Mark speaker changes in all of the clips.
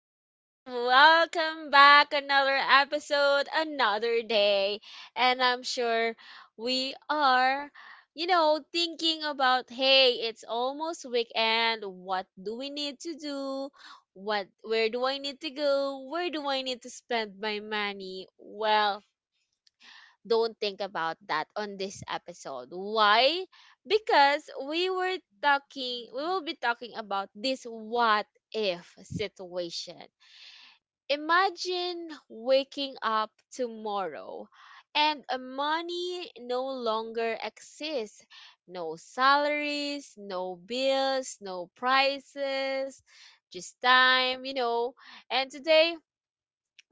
Speaker 1: guys. Welcome back. Another episode, another day. And I'm sure we are, thinking about hey, it's almost weekend. What do we need to do? What where do I need to go? Where do I need to spend my money? Well, don't think about that on this episode. Why? Because we will be talking about this what if situation. Imagine waking up tomorrow and money no longer exists. No salaries, no bills, no prices, just time. And today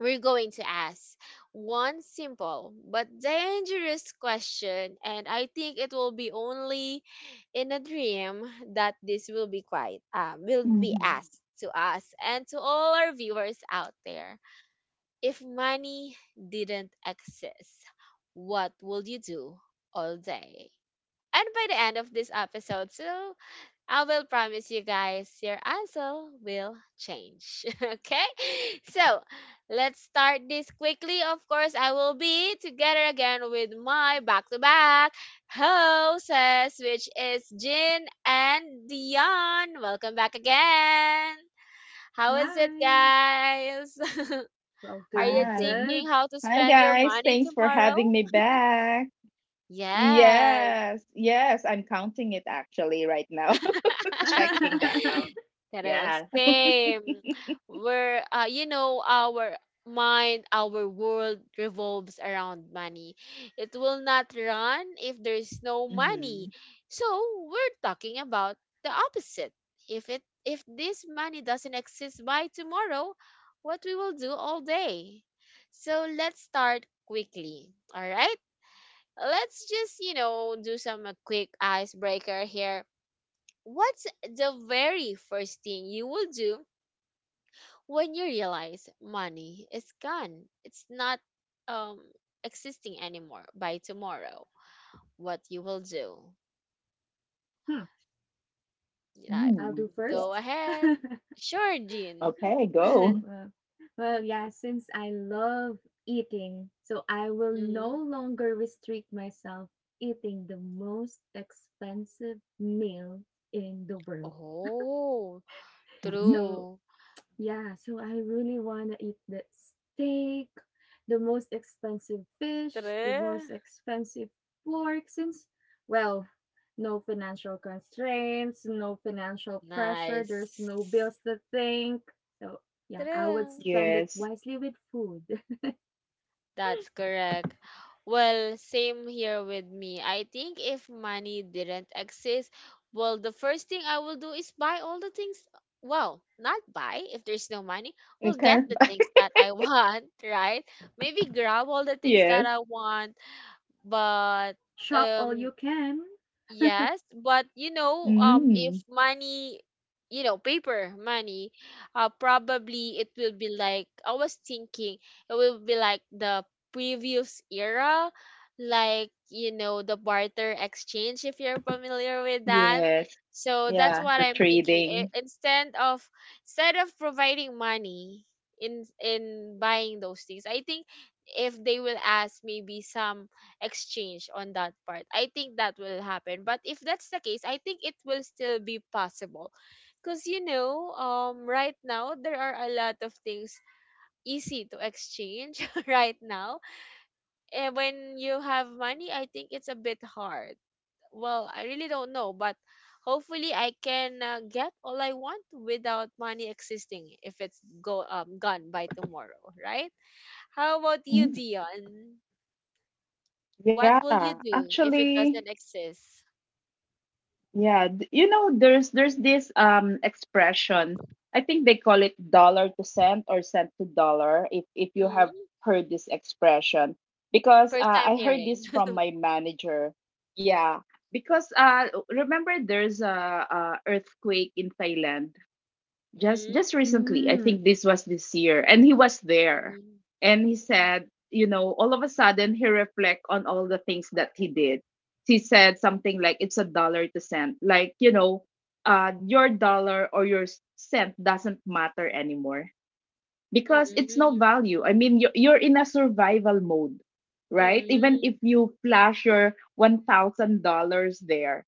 Speaker 1: we're going to ask one simple but dangerous question, and I think it will be only in a dream that this will be quite will be asked to us
Speaker 2: Mhm.
Speaker 1: and to all our viewers out there. If money didn't exist, what would you do all day? And by the end of this episode, so I will promise you guys your answer will change. Okay? So let's start this quickly. Of course, I will be together again with my back to back hosts, which is Jin and Dion. Welcome back again. How is it,
Speaker 3: Hi.
Speaker 1: guys?
Speaker 3: Well,
Speaker 1: Are you
Speaker 3: doing
Speaker 2: Hi.
Speaker 3: good.
Speaker 1: thinking how to
Speaker 2: Hi,
Speaker 1: spend your
Speaker 2: guys.
Speaker 1: money
Speaker 2: Thanks for
Speaker 1: tomorrow?
Speaker 2: having me back.
Speaker 1: Yes.
Speaker 2: Yes. Yes. I'm counting it actually right now, checking the
Speaker 3: hmm.
Speaker 2: account.
Speaker 1: Pero
Speaker 2: Yeah.
Speaker 1: same. Our mind, our world revolves around money. It will not run if there's no money.
Speaker 2: Mm-hmm.
Speaker 1: So we're talking about the opposite. If this money doesn't exist by tomorrow, what we will do all day. So let's start quickly. All right? Let's just do some quick icebreaker here. What's the very first thing you will do when you realize money is gone? It's not um existing anymore by tomorrow. What you will do? Like,
Speaker 3: I'll
Speaker 2: Mm.
Speaker 3: do
Speaker 2: Yeah.
Speaker 3: first.
Speaker 1: go ahead. Sure, Jean.
Speaker 2: Okay, go.
Speaker 3: well, yeah, since I love eating, so I will no
Speaker 1: Mm.
Speaker 3: longer restrict myself eating the most expensive meal in the world.
Speaker 1: Oh,
Speaker 2: Mhm.
Speaker 3: So
Speaker 1: true.
Speaker 3: yeah, so I really wanna eat the steak, the most expensive fish, the most
Speaker 1: True.
Speaker 3: expensive pork since well, no financial constraints, no financial pressure, there's
Speaker 1: Nice.
Speaker 3: no bills to think. So yeah, I would
Speaker 1: True.
Speaker 3: spend it
Speaker 2: Yes.
Speaker 3: wisely with food.
Speaker 1: That's correct. Well, same here with me. I think if money didn't exist, well, the first thing I will do is buy all the things. Well, not buy if there's no money. We'll
Speaker 2: It
Speaker 1: get
Speaker 2: kind
Speaker 1: the
Speaker 2: of,
Speaker 1: things that I want, right? Maybe grab all the things that
Speaker 2: yes.
Speaker 1: I want, but
Speaker 3: Shop all
Speaker 1: um,
Speaker 3: you can.
Speaker 1: Yes, but
Speaker 2: Mm.
Speaker 1: if paper money, probably it will be like I was thinking it will be like the previous era, like, you know, the barter exchange, if you're familiar with that.
Speaker 2: Yes.
Speaker 1: So that's
Speaker 2: Yeah.
Speaker 1: what
Speaker 2: The
Speaker 1: I'm thinking.
Speaker 2: trading.
Speaker 1: Instead of providing money in buying those things, I think if they will ask maybe some exchange on that part. I think that will happen. But if that's the case, I think it will still be possible. Because, right now, there are a lot of things easy to exchange right now. And when you have money, I think it's a bit hard. Well, I really don't know, but hopefully I can get all I want without money existing if it's go gone by tomorrow, right? How about you,
Speaker 2: Mm.
Speaker 1: Dion? What
Speaker 2: Yeah.
Speaker 1: will you do if it
Speaker 2: Actually,
Speaker 1: doesn't exist?
Speaker 2: yeah, you know, there's this expression. I think they call it dollar to cent or cent to dollar, if you have
Speaker 1: Mm,
Speaker 2: heard this expression because
Speaker 1: first time
Speaker 2: I heard
Speaker 1: hearing.
Speaker 2: this from my manager. Yeah, because remember there's a earthquake in Thailand
Speaker 1: Mm,
Speaker 2: just recently. I
Speaker 3: Mm.
Speaker 2: think this was this year, and he was there,
Speaker 1: mm,
Speaker 2: and he said, you know, all of a sudden he reflect on all the things that he did. He said something like it's a dollar to cent, like, you know, your dollar or your cent doesn't matter anymore because it's no
Speaker 1: mm,
Speaker 2: value. I mean, you're in a survival mode, right? Even if
Speaker 1: mm,
Speaker 2: you flash your $1000, there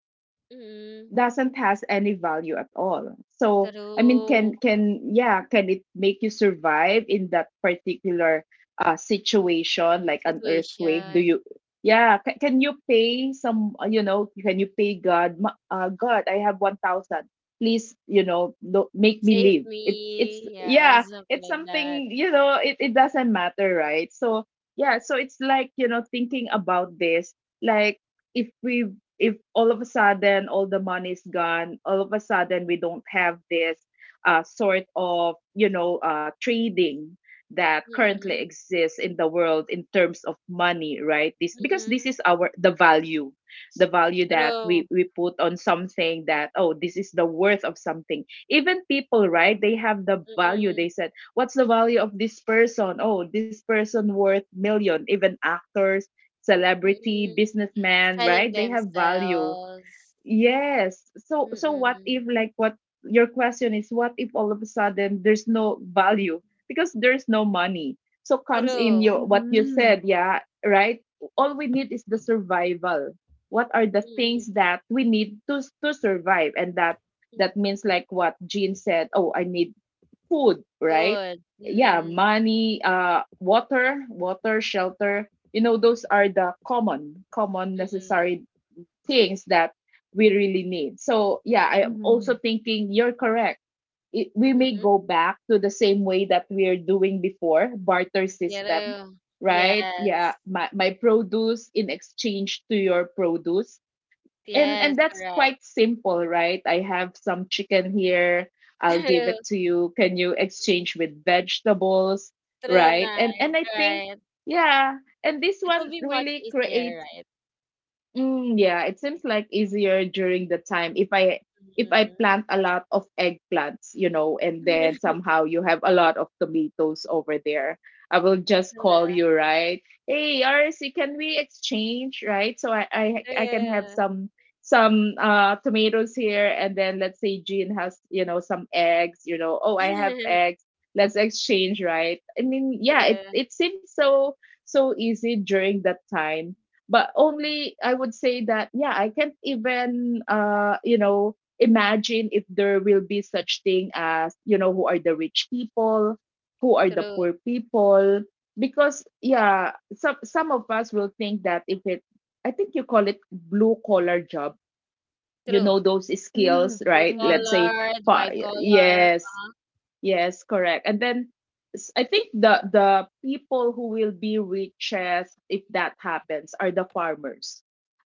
Speaker 1: mm,
Speaker 2: doesn't has any value at all. So I mean,
Speaker 1: true
Speaker 2: can, yeah, can it make you survive in that particular situation like an earthquake? Do
Speaker 1: situation.
Speaker 2: you, yeah, can you pay some, you know, can you pay God, "Ma- God, I have 1000. Please, you know, do, make me
Speaker 1: Save
Speaker 2: live. It's,
Speaker 1: me. Yeah,
Speaker 2: yeah,
Speaker 1: something
Speaker 2: it's
Speaker 1: like that.
Speaker 2: something, you know, it doesn't matter, right? So yeah, so it's like, you know, thinking about this, like, if we, if all of a sudden all the money's gone, all of a sudden we don't have this, sort of, you know, trading that currently
Speaker 1: Mm,
Speaker 2: exists in the world in terms of money, right? This because this
Speaker 1: mm,
Speaker 2: is our the value that
Speaker 1: true.
Speaker 2: we put on something, that, oh, this is the worth of something. Even people, right? They have the value. They
Speaker 1: Mm,
Speaker 2: said, what's the value of this person? Oh, this person worth million. Even actors, celebrity,
Speaker 1: mm,
Speaker 2: businessman, right?
Speaker 1: selling
Speaker 2: They have value.
Speaker 1: themselves.
Speaker 2: Yes. So what
Speaker 1: Mm,
Speaker 2: if, like, what your question is, what if all of a sudden there's no value because there's no money. So comes in
Speaker 1: true.
Speaker 2: your what you
Speaker 3: Mhm.
Speaker 2: said, yeah, right? All we need is the survival. What are the
Speaker 1: Mm,
Speaker 2: things that we need to survive, and
Speaker 1: mm.
Speaker 2: that means, like, what Jean said, oh, I need food, right?
Speaker 1: Good.
Speaker 2: Yeah,
Speaker 1: Mm,
Speaker 2: money, water, water, shelter. You know, those are the common, common
Speaker 1: mm,
Speaker 2: necessary things that we really need. So yeah, I'm also
Speaker 3: Mhm.
Speaker 2: thinking you're correct. We
Speaker 1: mm,
Speaker 2: may
Speaker 1: mm.
Speaker 2: go back to the same way that we are doing before barter system,
Speaker 1: True.
Speaker 2: right? Yeah,
Speaker 1: Yes.
Speaker 2: my produce in exchange to your produce. and
Speaker 1: Yes,
Speaker 2: and that's
Speaker 1: correct.
Speaker 2: quite simple, right? I have some chicken here. I'll give
Speaker 1: True,
Speaker 2: it to you, can you exchange with vegetables,
Speaker 1: true,
Speaker 2: right? And
Speaker 1: night,
Speaker 2: I think,
Speaker 1: right.
Speaker 2: yeah, and this
Speaker 1: It
Speaker 2: one
Speaker 1: will be much
Speaker 2: really
Speaker 1: easier,
Speaker 2: creates.
Speaker 1: right?
Speaker 2: Mm, yeah, it seems like easier during the time, if I,
Speaker 1: Mm.
Speaker 2: plant a lot of eggplants, you know, and then somehow you have a lot of tomatoes over there. I will just
Speaker 1: True,
Speaker 2: call you, right? Hey, RC, can we exchange, right? So I can have some tomatoes here, and then let's say Jean has, you know, some eggs, you know, oh,
Speaker 1: true,
Speaker 2: I have eggs. Let's exchange, right? I mean, yeah,
Speaker 1: true,
Speaker 2: it seems so easy during that time, but only I would say that, yeah, I can't even, you know, imagine if there will be such thing as, you know, who are the rich people, who are the
Speaker 1: true,
Speaker 2: poor people, because, yeah, some of us will think that, if it, I think you call it blue collar job, you
Speaker 1: true.
Speaker 2: know, those
Speaker 3: Mm.
Speaker 2: skills,
Speaker 1: Blue
Speaker 2: right?
Speaker 3: Mhm.
Speaker 2: Let's say
Speaker 1: collar,
Speaker 2: pa-
Speaker 1: white color.
Speaker 2: yes, yes, correct. And then, I think the people who will be richest if that happens are the farmers,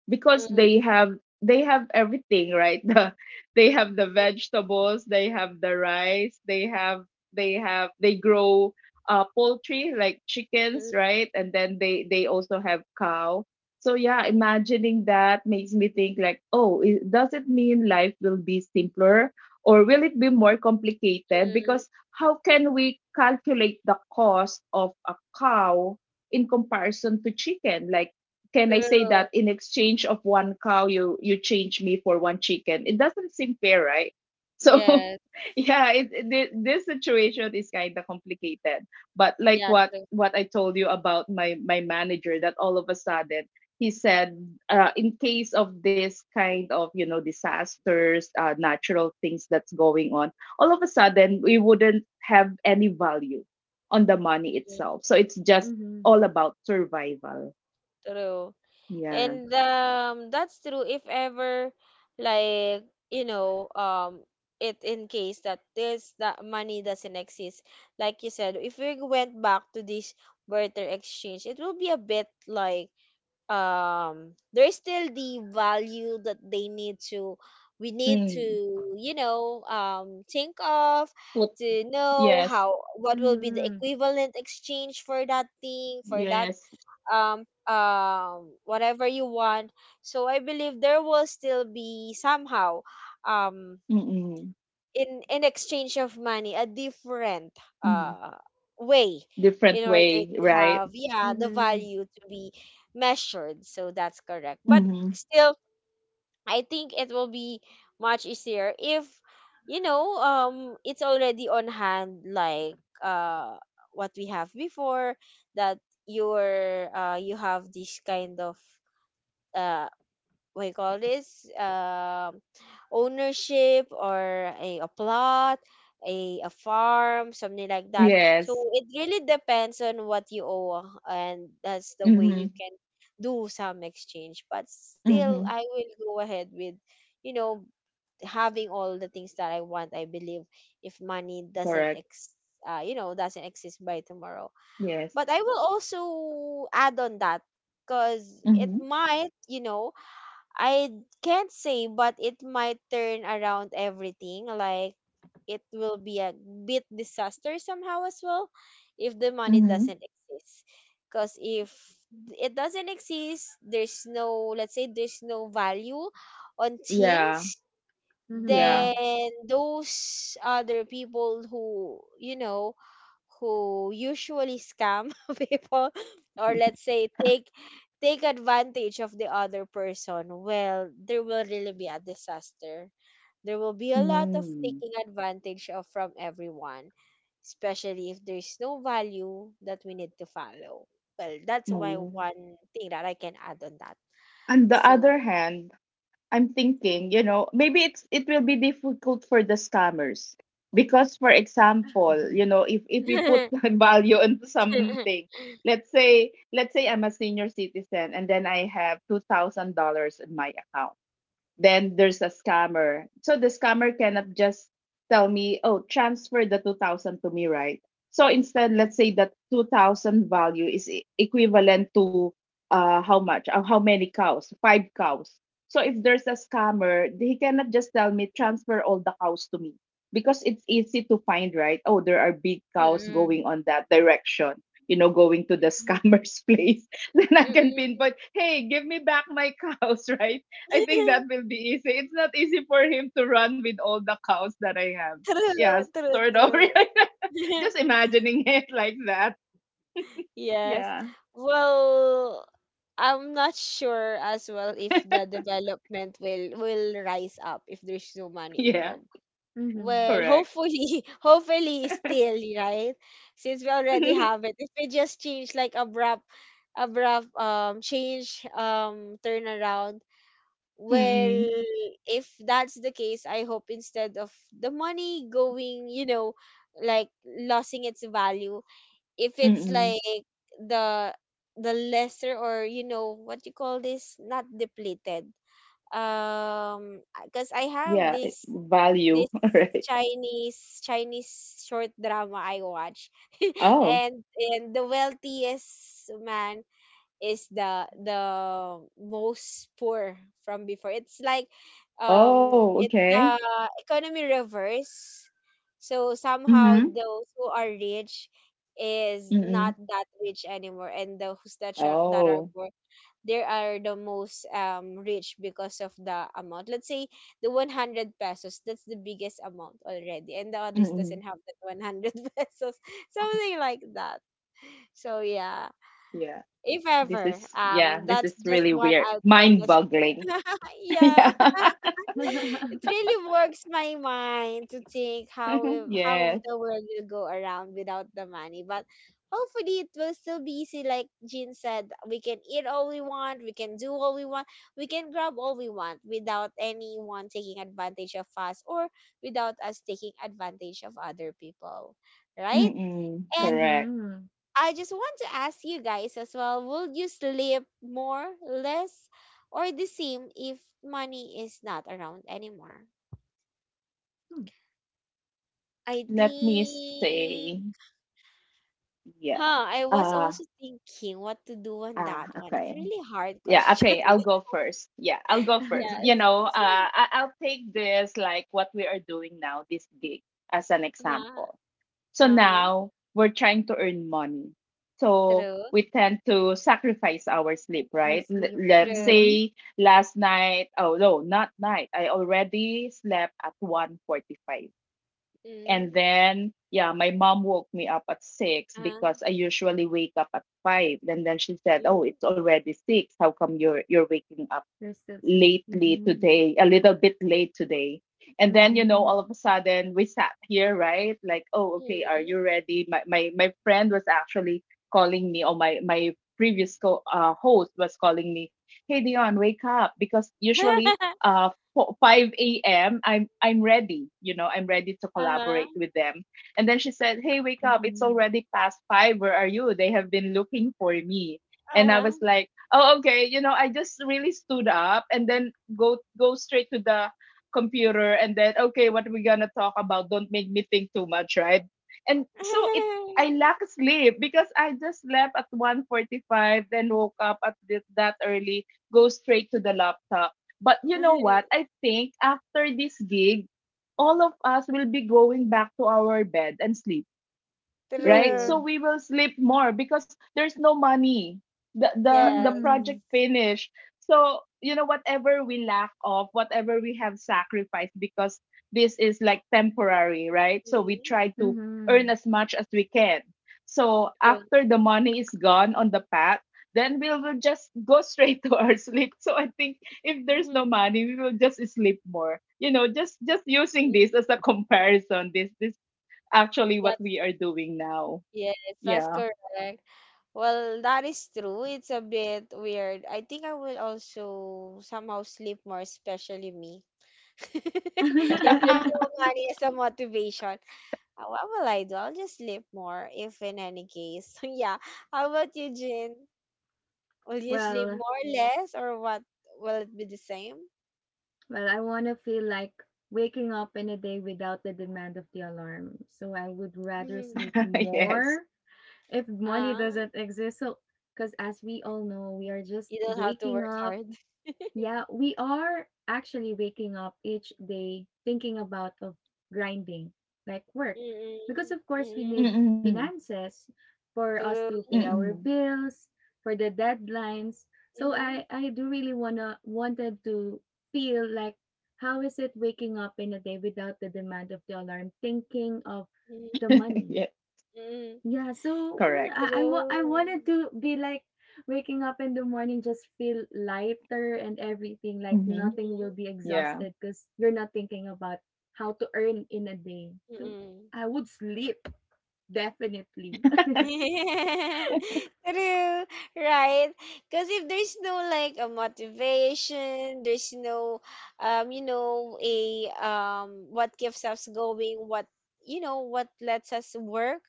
Speaker 2: because they
Speaker 1: Mm-hmm.
Speaker 2: have, everything, right? They have the vegetables, they have the rice, they have, they grow poultry, like chickens,
Speaker 1: Mm-hmm.
Speaker 2: right? And then they also have cow. So, yeah, imagining that makes me think like, oh, does it mean life will be simpler, or will it be more complicated, because
Speaker 1: Mm-hmm.
Speaker 2: how can we calculate the cost of a cow in comparison to chicken, like, can I say
Speaker 1: True.
Speaker 2: that in exchange of one cow, you change me for one chicken? It doesn't seem fair, right? So,
Speaker 1: Yes.
Speaker 2: yeah, this situation is kind of complicated. But, like,
Speaker 1: Yeah,
Speaker 2: what
Speaker 1: true.
Speaker 2: I told you about my manager, that all of a sudden he said, in case of this kind of, you know, disasters, natural things that's going on, all of a sudden we wouldn't have any value on the money
Speaker 1: Mm,
Speaker 2: itself. So it's just all about survival.
Speaker 1: true.
Speaker 2: Yeah.
Speaker 1: And that's true if ever like you know it in case that this that money doesn't exist. Like you said, if we went back to this barter exchange, it will be a bit like there's still the value that they need to we need
Speaker 2: Mm.
Speaker 1: to think of,
Speaker 2: Put
Speaker 1: to know
Speaker 2: yes.
Speaker 1: how what will be the
Speaker 3: Mhm.
Speaker 1: equivalent exchange for that
Speaker 2: Yes.
Speaker 1: whatever you want, so I believe there will still be somehow um
Speaker 2: Mm-mm.
Speaker 1: in exchange of money a different
Speaker 2: Mm-hmm.
Speaker 1: uh way in
Speaker 2: Different
Speaker 1: order
Speaker 2: way,
Speaker 1: to
Speaker 2: right?
Speaker 1: have yeah the
Speaker 3: Mhm.
Speaker 1: value to be measured, so that's correct. But
Speaker 2: Mm-hmm.
Speaker 1: still I think it will be much easier if it's already on hand, like uh what we have before, that you have this kind of uh what you call this ownership, or a plot, a farm, something like that. So
Speaker 2: Yes.
Speaker 1: it really depends on what you owe, and that's the way
Speaker 2: Mm-hmm.
Speaker 1: you can do some exchange, but still
Speaker 2: Mm-hmm.
Speaker 1: I will go ahead with you know having all the things that I want. I believe if money doesn't
Speaker 2: Correct.
Speaker 1: ex you know doesn't exist by tomorrow,
Speaker 2: Yes.
Speaker 1: but I will also add on that because it
Speaker 2: Mm-hmm.
Speaker 1: might, I can't say, but it might turn around everything. Like it will be a bit disaster somehow as well if the money
Speaker 2: Mm-hmm.
Speaker 1: doesn't exist. Because if it doesn't exist, there's no, let's say, there's no value on
Speaker 2: Yeah.
Speaker 1: things,
Speaker 2: Yeah.
Speaker 3: Mhm.
Speaker 1: then those other people who usually scam people, or let's say take advantage of the other person, well, there will really be a disaster. There will be a lot of
Speaker 2: Mm.
Speaker 1: taking advantage of from everyone, especially if there's no value that we need to follow. Well, that's my
Speaker 2: Mm.
Speaker 1: one thing that I can add on that.
Speaker 2: On the other
Speaker 1: So
Speaker 2: hand, I'm thinking, you know, maybe it will be difficult for the scammers because, for example, you know, if we put value into something.
Speaker 1: mm-mm.
Speaker 2: Let's say I'm a senior citizen and then I have $2,000 in my account. Then there's a scammer. So the scammer cannot just tell me, oh, transfer the 2000 to me, right? So instead, let's say that 2000 value is equivalent to, how much? How many cows? Five cows. So if there's a scammer, he cannot just tell me, transfer all the cows to me, because it's easy to find, right? Oh, there are big cows
Speaker 1: Mm-mm.
Speaker 2: going on that direction, you know, going to the scammer's place. Then I can
Speaker 1: Mm-mm.
Speaker 2: pinpoint, hey, give me back my cows, right? I think that will be easy. It's not easy for him to run with all the cows that I have. Yeah,
Speaker 1: True, true,
Speaker 2: sort of.
Speaker 1: true.
Speaker 2: Just imagining it like that.
Speaker 1: Yes.
Speaker 2: Yeah.
Speaker 1: Well, I'm not sure as well if the development will rise up if there's no money
Speaker 2: Yeah.
Speaker 1: involved.
Speaker 3: Mhm.
Speaker 1: Well,
Speaker 2: Correct.
Speaker 1: hopefully, hopefully still, right? Since we already have it. If we just change like abrupt change turnaround, well,
Speaker 2: Mm-mm,
Speaker 1: if that's the case, I hope instead of the money going, like losing its value, if it's
Speaker 2: mm-mm.
Speaker 1: like the the lesser, or what you call this, not depleted, because I have
Speaker 2: Yeah. Value.
Speaker 1: this
Speaker 2: Right.
Speaker 1: Chinese short drama I watch,
Speaker 2: Oh.
Speaker 1: and the wealthiest man is the most poor from before. It's like um
Speaker 2: Oh.
Speaker 1: it's
Speaker 2: Okay.
Speaker 1: the economy reverse. So
Speaker 2: Mm-hmm.
Speaker 1: somehow those who are rich is
Speaker 2: Mm-mm.
Speaker 1: not that rich anymore, and those that are
Speaker 2: Oh.
Speaker 1: poor, they are the most rich because of the amount. Let's say the 100 pesos, that's the biggest amount already, and the others
Speaker 2: Mm-mm.
Speaker 1: doesn't have that 100 pesos. Something like that. So yeah,
Speaker 2: Yeah.
Speaker 1: if
Speaker 2: This is,
Speaker 1: ever
Speaker 2: yeah. This is
Speaker 1: that's
Speaker 2: really
Speaker 1: just
Speaker 2: weird.
Speaker 1: one
Speaker 2: Mind
Speaker 1: alternative.
Speaker 2: boggling. yeah.
Speaker 1: Yeah.
Speaker 3: Mhm.
Speaker 1: It really works my mind to think how
Speaker 2: yes.
Speaker 1: the world will go around without the money, but hopefully it will still be easy. Like Jean said, we can eat all we want, we can do all we want, we can grab all we want without anyone taking advantage of us, or without us taking advantage of other people, right?
Speaker 2: Mm-mm. Correct.
Speaker 3: Mhm.
Speaker 1: I just want to ask you guys as well, would you sleep more, less, or the same if money is not around anymore?
Speaker 3: Hmm.
Speaker 1: I
Speaker 2: Let me see.
Speaker 1: think,
Speaker 2: Yeah.
Speaker 1: I was
Speaker 2: Uh
Speaker 1: also thinking what to do on that one.
Speaker 2: okay.
Speaker 1: It's a really hard
Speaker 2: Yeah,
Speaker 1: question.
Speaker 2: okay, I'll go first. Yeah, I'll go first. You
Speaker 1: Yes.
Speaker 2: know, I'll take this like what we are doing now, this gig as an
Speaker 1: Uh-huh.
Speaker 2: example. So
Speaker 1: Uh-huh.
Speaker 2: now we're trying to earn money. So
Speaker 1: True.
Speaker 2: we tend to sacrifice our sleep,
Speaker 3: Or
Speaker 2: right?
Speaker 3: sleep.
Speaker 2: Let's
Speaker 3: Mhm.
Speaker 1: True.
Speaker 2: say last night, oh no, not night. I already slept at 1:45. And
Speaker 1: Mm.
Speaker 2: then, yeah, my mom woke me up at six
Speaker 1: Uh-huh.
Speaker 2: because I usually wake up at five. And then she said, "Oh,
Speaker 1: Mm.
Speaker 2: it's already six. How come you're waking up
Speaker 3: You're still sleep.
Speaker 2: lately
Speaker 3: Mhm.
Speaker 2: today, a little bit late today." And then, you know, all
Speaker 3: Mhm.
Speaker 2: of a sudden we sat here, right? Like, oh, okay, are
Speaker 1: Mm.
Speaker 2: you ready? My friend was actually calling me, or my previous host was calling me, hey, Dion, wake up. Because usually, 5 a.m., I'm ready, you know, I'm ready to
Speaker 1: Uh-huh.
Speaker 2: collaborate with them. And then she said, hey, wake up. It's
Speaker 3: Mhm.
Speaker 2: already past 5. Where are you? They have been looking for me. And I
Speaker 1: Uh-huh.
Speaker 2: was like, oh, okay, you know, I just really stood up and then go straight to the computer, and then, okay, what are we gonna talk about? Don't make me think too much, right? And so it I lack sleep because I just slept at 1:45, then woke up at that early. Go straight to the laptop, but you know what, I think after this gig all of us will be going back to our bed and sleep, right?
Speaker 1: True.
Speaker 2: So
Speaker 3: True.
Speaker 2: we will sleep more because there's no money. The
Speaker 1: Yes.
Speaker 2: project
Speaker 3: Mhm.
Speaker 2: finish. So, you know, whatever we lack of, whatever we have sacrificed, because this is like temporary, right? So we
Speaker 1: Mm,
Speaker 2: try to earn
Speaker 3: Mhm.
Speaker 2: as much as we can. So
Speaker 1: true.
Speaker 2: after the money is gone on the path, then we will just go straight to our sleep. So I think if there's no
Speaker 1: Mhm,
Speaker 2: money, we will just sleep more. You know, just using
Speaker 1: mhm.
Speaker 2: this as a comparison, this actually what
Speaker 1: That's
Speaker 2: we
Speaker 1: co-
Speaker 2: are doing now.
Speaker 1: yes, that's
Speaker 2: Yeah.
Speaker 1: correct. Well, that is true. It's a bit weird. I think I will also somehow sleep more, especially me. If there's no money as a motivation, what will I do? I'll just sleep more, if in any case. Yeah. How about you, Jin? Will you sleep
Speaker 3: well,
Speaker 1: more, less, or what? Will it be the same?
Speaker 3: well, I want to feel like waking up in a day without the demand of the alarm. So I would rather sleep
Speaker 2: Yes.
Speaker 3: more if money
Speaker 1: Ah,
Speaker 3: doesn't exist. So, because as we all know, we are just
Speaker 1: you don't have to
Speaker 3: waking
Speaker 1: work
Speaker 3: up.
Speaker 1: hard.
Speaker 3: Yeah, we are actually waking up each day thinking about of grinding, like work. Because
Speaker 1: Mm-mm,
Speaker 3: of course we
Speaker 1: mm-mm.
Speaker 3: need
Speaker 2: Mm-mm.
Speaker 3: finances for
Speaker 1: तर
Speaker 3: us to
Speaker 1: a
Speaker 3: pay our
Speaker 2: Mm-mm.
Speaker 3: bills, for the deadlines. So I
Speaker 1: mhm,
Speaker 3: I do really wanna wanted to feel like how is it waking up in a day without the demand of the alarm, thinking of the money.
Speaker 2: Yes.
Speaker 1: mhm,
Speaker 3: Yeah, so
Speaker 2: Correct.
Speaker 3: I
Speaker 1: true.
Speaker 3: wanted to be like waking up in the morning just feel lighter and everything like
Speaker 2: Mm-hmm.
Speaker 1: तर
Speaker 3: nothing will
Speaker 1: a,
Speaker 3: be
Speaker 2: Yeah.
Speaker 3: exhausted because you're not thinking about how to earn in a day. So
Speaker 1: mhm,
Speaker 3: I would sleep definitely.
Speaker 1: mm. True, right? Because if there's no like a motivation, there's no a what keeps us going, what lets us work,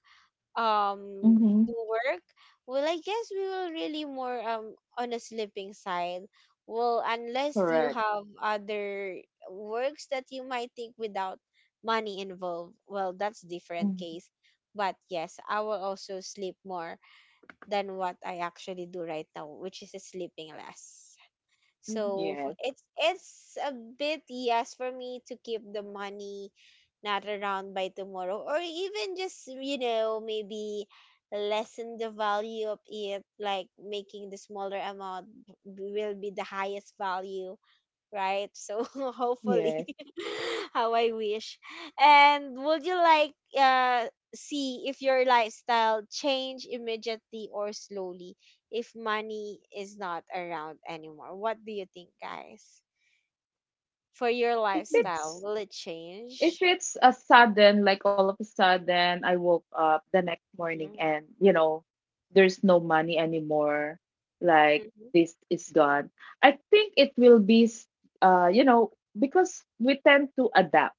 Speaker 2: Mm-hmm.
Speaker 1: do work. Well, I guess we will really more on a sleeping side. Well, unless you
Speaker 2: Correct.
Speaker 1: have other works that you might think without money involved, well, that's different
Speaker 2: Mm-hmm.
Speaker 1: case. But yes, I will also sleep more than what I actually do right now, which is sleeping less.
Speaker 3: Mhm.
Speaker 1: So
Speaker 2: Yes.
Speaker 1: it's a bit yes for me to keep the money not around by tomorrow, or even just maybe lessen the value of it, like making the smaller amount, will be the highest value, right? So hopefully,
Speaker 2: Yes.
Speaker 1: how I wish. And would you like uh see if your lifestyle change immediately or slowly if money is not around anymore? What do you think, guys? For your
Speaker 2: If
Speaker 3: Mm.
Speaker 1: lifestyle,
Speaker 2: it's
Speaker 1: will it
Speaker 2: if
Speaker 1: change?
Speaker 2: it's a sudden, like all of a sudden, I woke up the next morning
Speaker 1: Mm,
Speaker 2: and, you know, there's no money anymore. Like
Speaker 1: mhm,
Speaker 2: this is gone. I think it will be, you know, because we tend to adapt.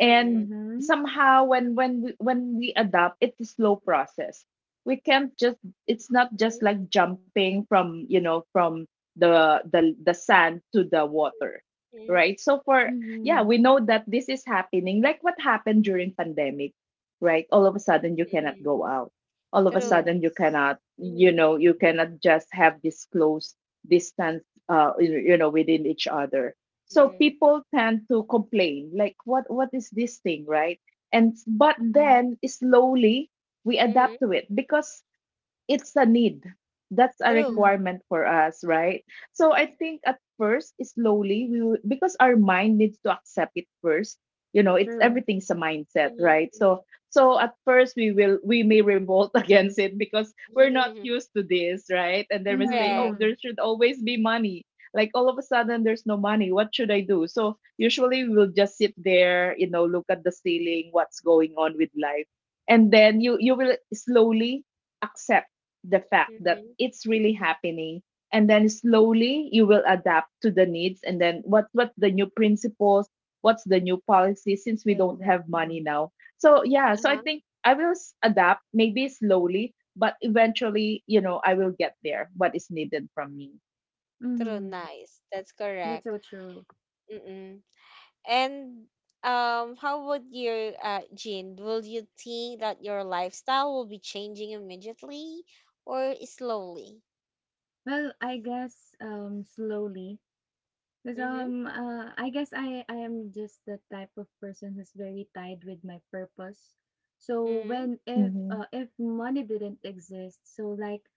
Speaker 1: mhm,
Speaker 3: Mhm.
Speaker 2: somehow when we adapt, it's a slow process. We can't just— it's not
Speaker 1: mhm,
Speaker 2: just like jumping from from the sand to the water,
Speaker 1: mhm,
Speaker 2: right? So for— yeah,
Speaker 3: Mhm.
Speaker 2: we know that this is happening, like what happened during pandemic. Right, all of a sudden you cannot
Speaker 1: mhm.
Speaker 2: go out, all of a
Speaker 1: True.
Speaker 2: sudden you
Speaker 3: Yes.
Speaker 2: cannot,
Speaker 1: Mhm,
Speaker 2: you cannot just have this close distance, you know, within each other. So
Speaker 1: mhm,
Speaker 2: people tend to complain like, what is this thing, right? And but
Speaker 3: Mhm.
Speaker 2: then slowly we
Speaker 1: mhm.
Speaker 2: adapt to it because it's a need. That's a
Speaker 1: True.
Speaker 3: Mhm.
Speaker 2: requirement for us, right? So I think at first, slowly, we will, because our mind needs to accept it first. It's
Speaker 3: True.
Speaker 2: everything's a mindset, right?
Speaker 1: Mhm,
Speaker 2: So at first we will— we may revolt against it because we're not
Speaker 1: mhm.
Speaker 2: used to this, right? And then we say,
Speaker 1: Correct.
Speaker 2: oh, there
Speaker 3: Mhm.
Speaker 2: should always be money. Like all of a sudden, there's no money. What should I do? So usually we'll just sit there, look at the ceiling, what's going on with life, and then you will slowly accept the fact that
Speaker 1: Mm-hmm.
Speaker 2: it's really happening. And then slowly you will adapt to the needs, and then what— the new principles, what's the new policy, since we don't
Speaker 1: Mm-hmm.
Speaker 2: have money
Speaker 3: Exactly.
Speaker 2: now. So yeah, so I
Speaker 1: Uh-huh.
Speaker 2: think I will adapt maybe slowly, but eventually, I will get there, what is needed from me.
Speaker 1: True,
Speaker 3: Mhm.
Speaker 1: nice. That's correct.
Speaker 3: That's so true.
Speaker 1: Mm-mm. And how would you, Jean, will you think that your lifestyle will be changing immediately or slowly?
Speaker 3: Well, I guess slowly because
Speaker 1: Mm-hmm.
Speaker 3: I guess I am just the type of person who's very tied with my purpose. So
Speaker 1: Mm-hmm.
Speaker 3: when
Speaker 2: Mm-hmm.
Speaker 3: if money didn't exist, so like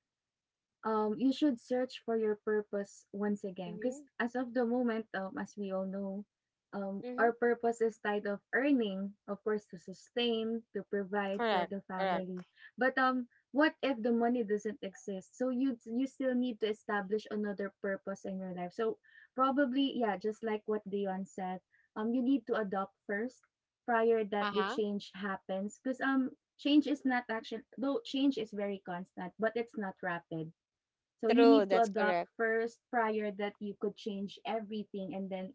Speaker 3: you should search for your purpose once again. Because
Speaker 1: Mm-hmm.
Speaker 3: as of the moment, as we all know,
Speaker 1: Mm-hmm.
Speaker 3: our purpose is tied of earning, of course, to sustain, to provide for
Speaker 1: Correct.
Speaker 3: the
Speaker 1: Correct.
Speaker 3: family. But what if the money doesn't exist? So you still need to establish another purpose in your life. So probably, yeah, just like what Dion said, you need to adopt first prior that the
Speaker 1: Uh-huh.
Speaker 3: change happens. Because change is not action, though change is very constant, but it's not rapid, so you
Speaker 1: True.
Speaker 3: need to
Speaker 1: That's
Speaker 3: adopt
Speaker 1: correct.
Speaker 3: first prior that you could change everything, and then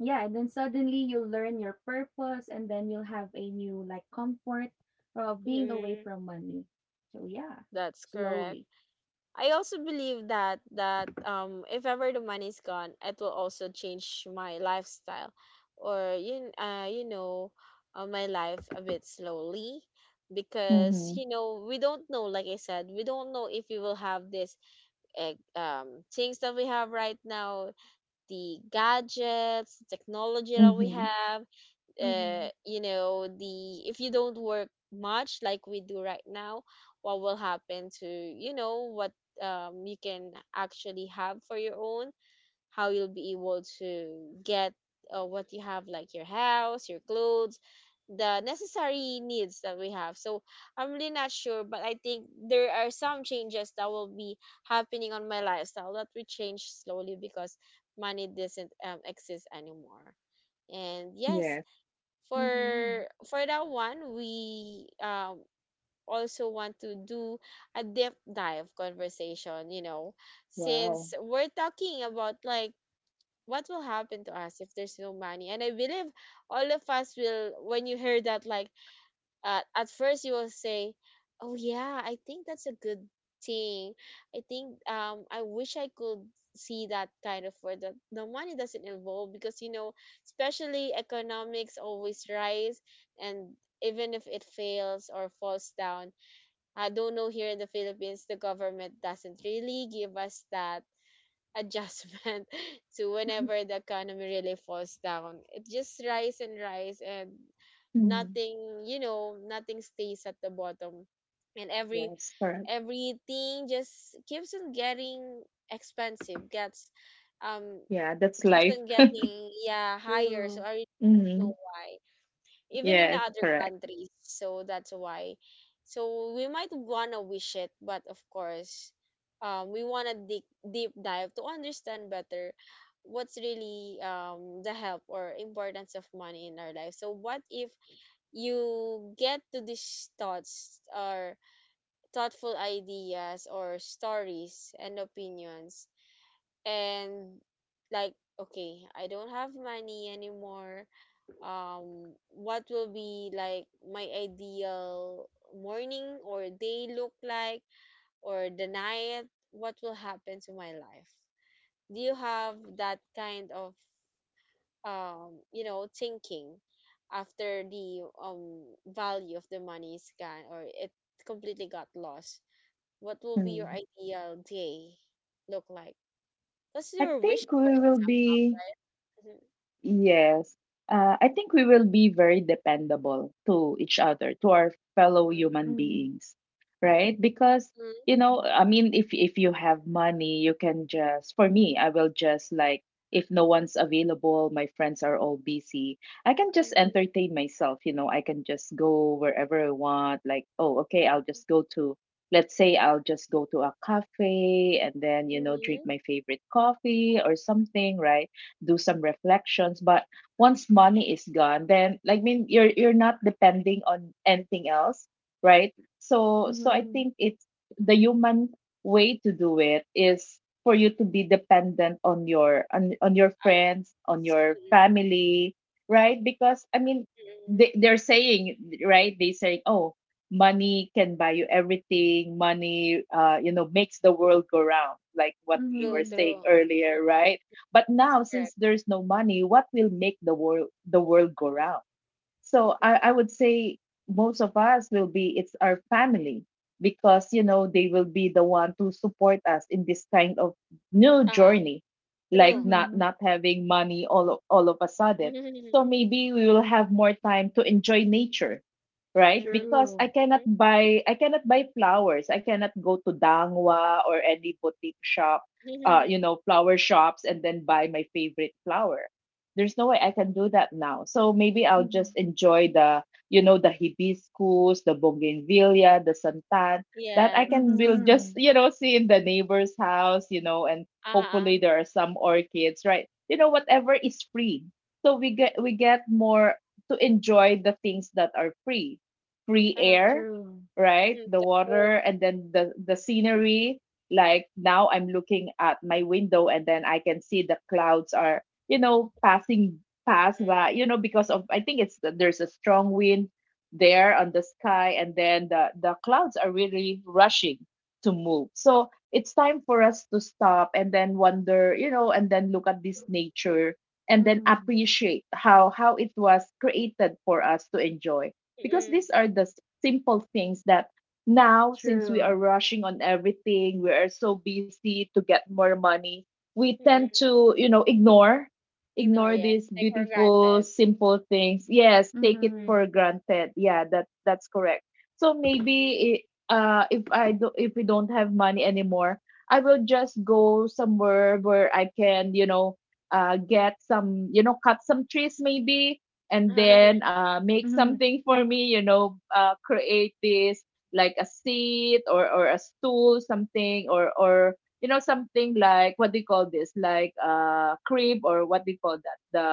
Speaker 3: yeah, and then suddenly you'll learn your purpose and then you'll have a new like comfort of being
Speaker 1: Mm-hmm.
Speaker 3: away from money. So yeah,
Speaker 1: That's correct.
Speaker 3: slowly.
Speaker 1: I also believe that if ever the money's gone, it will also change my lifestyle or you kn- you know my life a bit slowly
Speaker 2: Mm-hmm.
Speaker 1: because you know, we don't know. Like I said, we don't know if we will have this things that we have right now, the gadgets, technology that we
Speaker 2: Mm-hmm.
Speaker 1: have.
Speaker 3: Mhm.
Speaker 1: You know, the if you don't work much like we do right now, what will happen to you know what you can actually have for your own, how you'll be able to get what you have, like your house, your clothes, the necessary needs that we have. So I'm really not sure, but I think there are some changes that will be happening on my lifestyle that will change slowly because money doesn't exist anymore. And yes,
Speaker 2: Yes.
Speaker 1: for
Speaker 3: Mhm.
Speaker 1: for that one, we also want to do a deep dive conversation, you know,
Speaker 2: Wow.
Speaker 1: since we're talking about like what will happen to us if there's no money. And I believe all of us will, when you hear that, like at first you will say, "Oh, yeah, I think that's a good thing. I think I wish I could see that kind of where the money doesn't involve, because you know, especially economics always rise. And even if it fails or falls down, I don't know, here in the Philippines the government doesn't really give us that adjustment to whenever the economy really falls down. It just rise and rise, and
Speaker 2: Mm-hmm.
Speaker 1: nothing, you know, nothing stays at the bottom. And every
Speaker 2: Yes, correct.
Speaker 1: everything just keeps on getting expensive, gets um
Speaker 2: Yeah, that's
Speaker 1: keeps
Speaker 2: life.
Speaker 1: on getting, yeah, higher. So
Speaker 3: True.
Speaker 1: I really don't
Speaker 2: Mm-hmm.
Speaker 1: know why,
Speaker 2: Yes,
Speaker 1: even in other
Speaker 2: correct.
Speaker 1: countries. So that's why. So we might wanna wish it, but of course, we wanna deep dive to understand better what's really the help or importance of money in our life. So what if you get to these thoughts or thoughtful ideas or stories and opinions and like, okay, I don't have money anymore. What will be like my ideal morning or day look like, or the night? What will happen to my life? Do you have that kind of you know, thinking, after the value of the money is gone or it completely got lost, what will be your
Speaker 2: Mm.
Speaker 1: ideal day look like? Because
Speaker 2: I
Speaker 1: you're
Speaker 2: think
Speaker 1: wishing for
Speaker 2: we
Speaker 1: it,
Speaker 2: will be—
Speaker 1: right? Mhm.
Speaker 2: yes. I think we will be very dependable to each other, to our fellow human
Speaker 1: Mhm.
Speaker 3: Mhm.
Speaker 2: beings, right? Because,
Speaker 3: Mhm.
Speaker 2: I mean, if you have money, you can just— for me, I will just like, if no one's available, my friends are all busy, I can just
Speaker 1: Mhm.
Speaker 2: entertain myself. I can just go wherever I want. Like, oh, okay, I'll just go to— let's say I'll just go to a cafe and then,
Speaker 1: Mhm.
Speaker 2: drink my
Speaker 1: Mhm.
Speaker 2: favorite coffee or something, right? Do some reflections. But once money is gone, then, like, I mean, you're not depending on anything else, right? So I
Speaker 3: Mhm.
Speaker 2: think it's— the human way to do it is for you to be dependent on your— on your friends, on your
Speaker 1: Mm,
Speaker 2: family, right? Because I mean they,
Speaker 1: mm.
Speaker 2: they're saying— right, they say, oh, money can buy you everything, money, makes the world go round, like what we were
Speaker 1: True,
Speaker 3: Mhm.
Speaker 2: saying
Speaker 1: true.
Speaker 2: earlier,
Speaker 1: Mhm.
Speaker 2: right? But now, since
Speaker 1: Correct.
Speaker 2: there's no money, what will make the world go round? So
Speaker 1: Mm.
Speaker 2: I would say most of us will be— it's our family, because they will be the one to support us in this kind of new
Speaker 1: Uh-huh.
Speaker 2: journey, like
Speaker 1: True.
Speaker 2: not—
Speaker 3: Mhm.
Speaker 2: not having money all of a sudden. So
Speaker 1: Mhm,
Speaker 2: maybe we will have more time to enjoy nature, right?
Speaker 1: mhm,
Speaker 2: Because
Speaker 3: True.
Speaker 2: I cannot buy flowers. I cannot go to Dangwa or any boutique shop,
Speaker 1: mhm, mhm.
Speaker 2: flower shops, and then buy my favorite flower. There's no way I can do that now. So maybe I'll just
Speaker 3: Mhm.
Speaker 2: enjoy the— the hibiscus, the bougainvillea, the santan that I can— will
Speaker 1: Yes.
Speaker 2: just,
Speaker 3: Mhm.
Speaker 2: see in the neighbor's house, and hopefully
Speaker 1: Uh-huh.
Speaker 2: there are some orchids, right? Whatever is free. So we get— we get more to enjoy the things that are free. Free
Speaker 1: Uh-huh.
Speaker 2: air,
Speaker 3: True.
Speaker 2: right?
Speaker 1: Mhm.
Speaker 2: The
Speaker 1: True.
Speaker 2: water and then the scenery. Like now I'm looking at my window and then I can see the clouds are, passing past
Speaker 1: Mm,
Speaker 2: that, because of— I think it's— there's a strong wind there on the sky, and then the clouds are really rushing to move. So it's time for us to stop and then wonder, and then look at this nature and then
Speaker 3: Mhm.
Speaker 2: appreciate how— it was created for us to enjoy. Because
Speaker 1: mm,
Speaker 2: these are the simple things that— now since we
Speaker 3: True.
Speaker 2: are rushing on everything, we are so busy to get more money, we
Speaker 1: mm,
Speaker 2: tend
Speaker 1: mm.
Speaker 2: to,
Speaker 1: Ignore,
Speaker 2: ignore
Speaker 1: yes.
Speaker 2: these
Speaker 1: Take for
Speaker 2: beautiful
Speaker 1: granted.
Speaker 2: simple things. Yes, take it
Speaker 3: Mhm.
Speaker 2: for
Speaker 1: Mm,
Speaker 2: granted. Yeah, that that's correct. So
Speaker 1: mm,
Speaker 2: maybe, uh, if I do— if we don't have money anymore, I will just go somewhere where I can, uh, get some— cut some trees maybe, and
Speaker 1: mm.
Speaker 2: then, uh, make
Speaker 3: Mhm.
Speaker 2: something for me, uh, create this, like a seat or— or a stool, something, or— or something like— what do you call this, like a crib, or what do you call that, the—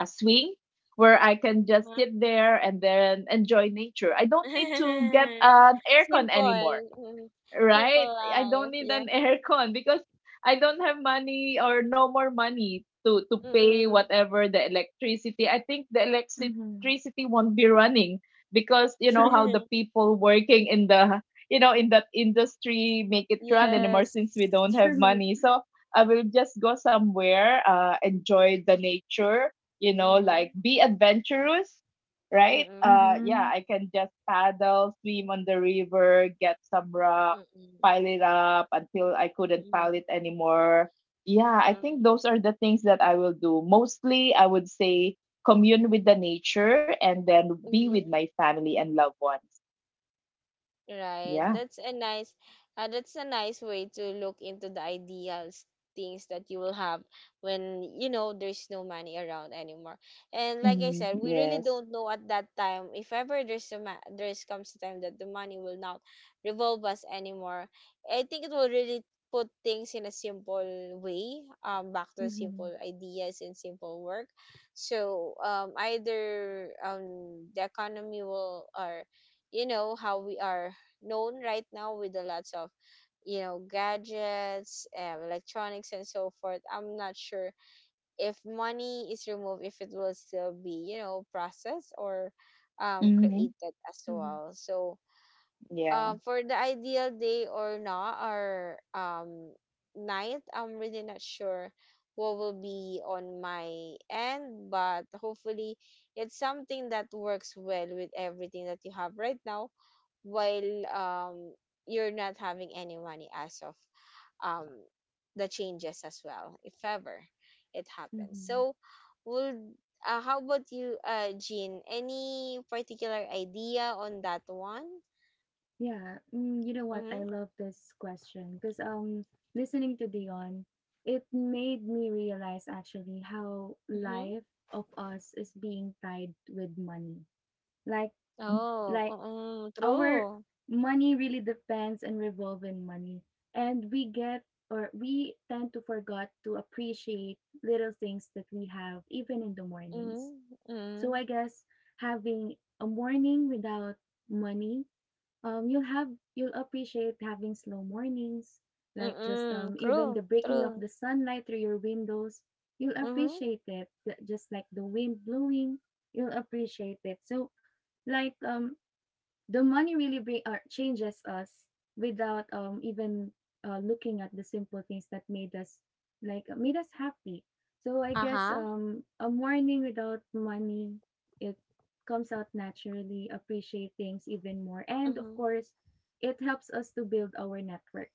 Speaker 2: a swing, where I can just
Speaker 1: Huh?
Speaker 2: sit there and then enjoy nature. I don't need to get an aircon anymore.
Speaker 1: Simple. Mm.
Speaker 2: Right?
Speaker 1: Simple
Speaker 2: I don't
Speaker 1: life.
Speaker 2: need an
Speaker 1: Yes.
Speaker 2: aircon because I don't have money, or no more money to pay
Speaker 1: Mm-mm.
Speaker 2: whatever the electricity. I think the
Speaker 3: Mhm.
Speaker 2: electricity won't be running, because
Speaker 3: True.
Speaker 2: how the people working in the, in that industry make it run anymore,
Speaker 1: Yes.
Speaker 2: since we don't have
Speaker 3: True.
Speaker 2: money. So I will just go somewhere, enjoy the nature, like
Speaker 1: Mm-hmm.
Speaker 2: be adventurous, right?
Speaker 1: Mm-mm.
Speaker 2: Yeah,
Speaker 3: Mhm.
Speaker 2: I can just paddle, swim on the river, get some raw,
Speaker 1: Mm-mm.
Speaker 2: pile it up until I couldn't
Speaker 1: Ừ,
Speaker 2: pile it anymore. Yeah, I
Speaker 1: à,
Speaker 2: think those are the things that I will do. Mostly, I would say commune with the nature and then
Speaker 1: ừ.
Speaker 2: be with my family and loved ones.
Speaker 1: Right.
Speaker 2: Yeah.
Speaker 1: That's a nice way to look into the ideals things that you will have when you know there's no money around anymore. And like I
Speaker 2: Mhm.
Speaker 1: said, we really
Speaker 2: Yes.
Speaker 1: don't know at that time if ever there's a there's comes a time that the money will not revolve us anymore. I think it will really put things in a simple way, back to simple
Speaker 3: Mhm.
Speaker 1: ideas and simple work. So either the economy will, or you know how we are known right now with the lots of you know, gadgets, electronics and so forth. I'm not sure if money is removed if it will still be, you know, processed or
Speaker 2: Hmm.
Speaker 1: created as
Speaker 3: Mhm.
Speaker 1: well. So
Speaker 2: Yeah.
Speaker 1: for the ideal day, or not, or night, I'm really not sure what will be on my end, but hopefully it's something that works well with everything that you have right now while you're not having any money, as of um the changes as well if ever it happens.
Speaker 3: Mhm.
Speaker 1: So would how about you, Jean? Any particular idea on that one?
Speaker 3: Yeah. Mm, you know what?
Speaker 1: Mm-hmm,
Speaker 3: I love this question because listening to Dion, it made me realize actually how
Speaker 1: mm-hmm.
Speaker 3: life of us is being tied with money. Like
Speaker 2: Mm.
Speaker 1: Oh,
Speaker 3: like
Speaker 1: mm,
Speaker 3: our
Speaker 1: true.
Speaker 3: money really depends and revolve in money. And we get or we tend to forget to appreciate little things that we have even in the mornings.
Speaker 1: Mm-hmm,
Speaker 3: So
Speaker 1: mm,
Speaker 3: I guess having a morning without money, um, you'll have you'll appreciate having slow mornings, like just
Speaker 1: mm-mm,
Speaker 3: even the
Speaker 1: true,
Speaker 3: breaking of
Speaker 1: true.
Speaker 3: the sunlight through your windows. You'll
Speaker 1: Mm-hmm.
Speaker 3: appreciate it, just like the wind blowing. You'll appreciate it. So, like the money really bring or changes us without even looking at the simple things that made us made us happy. So I guess
Speaker 1: Uh-huh.
Speaker 3: a morning without money, it comes out naturally appreciate things even more, and of
Speaker 1: Mm-hmm,
Speaker 3: course it helps us to build our network,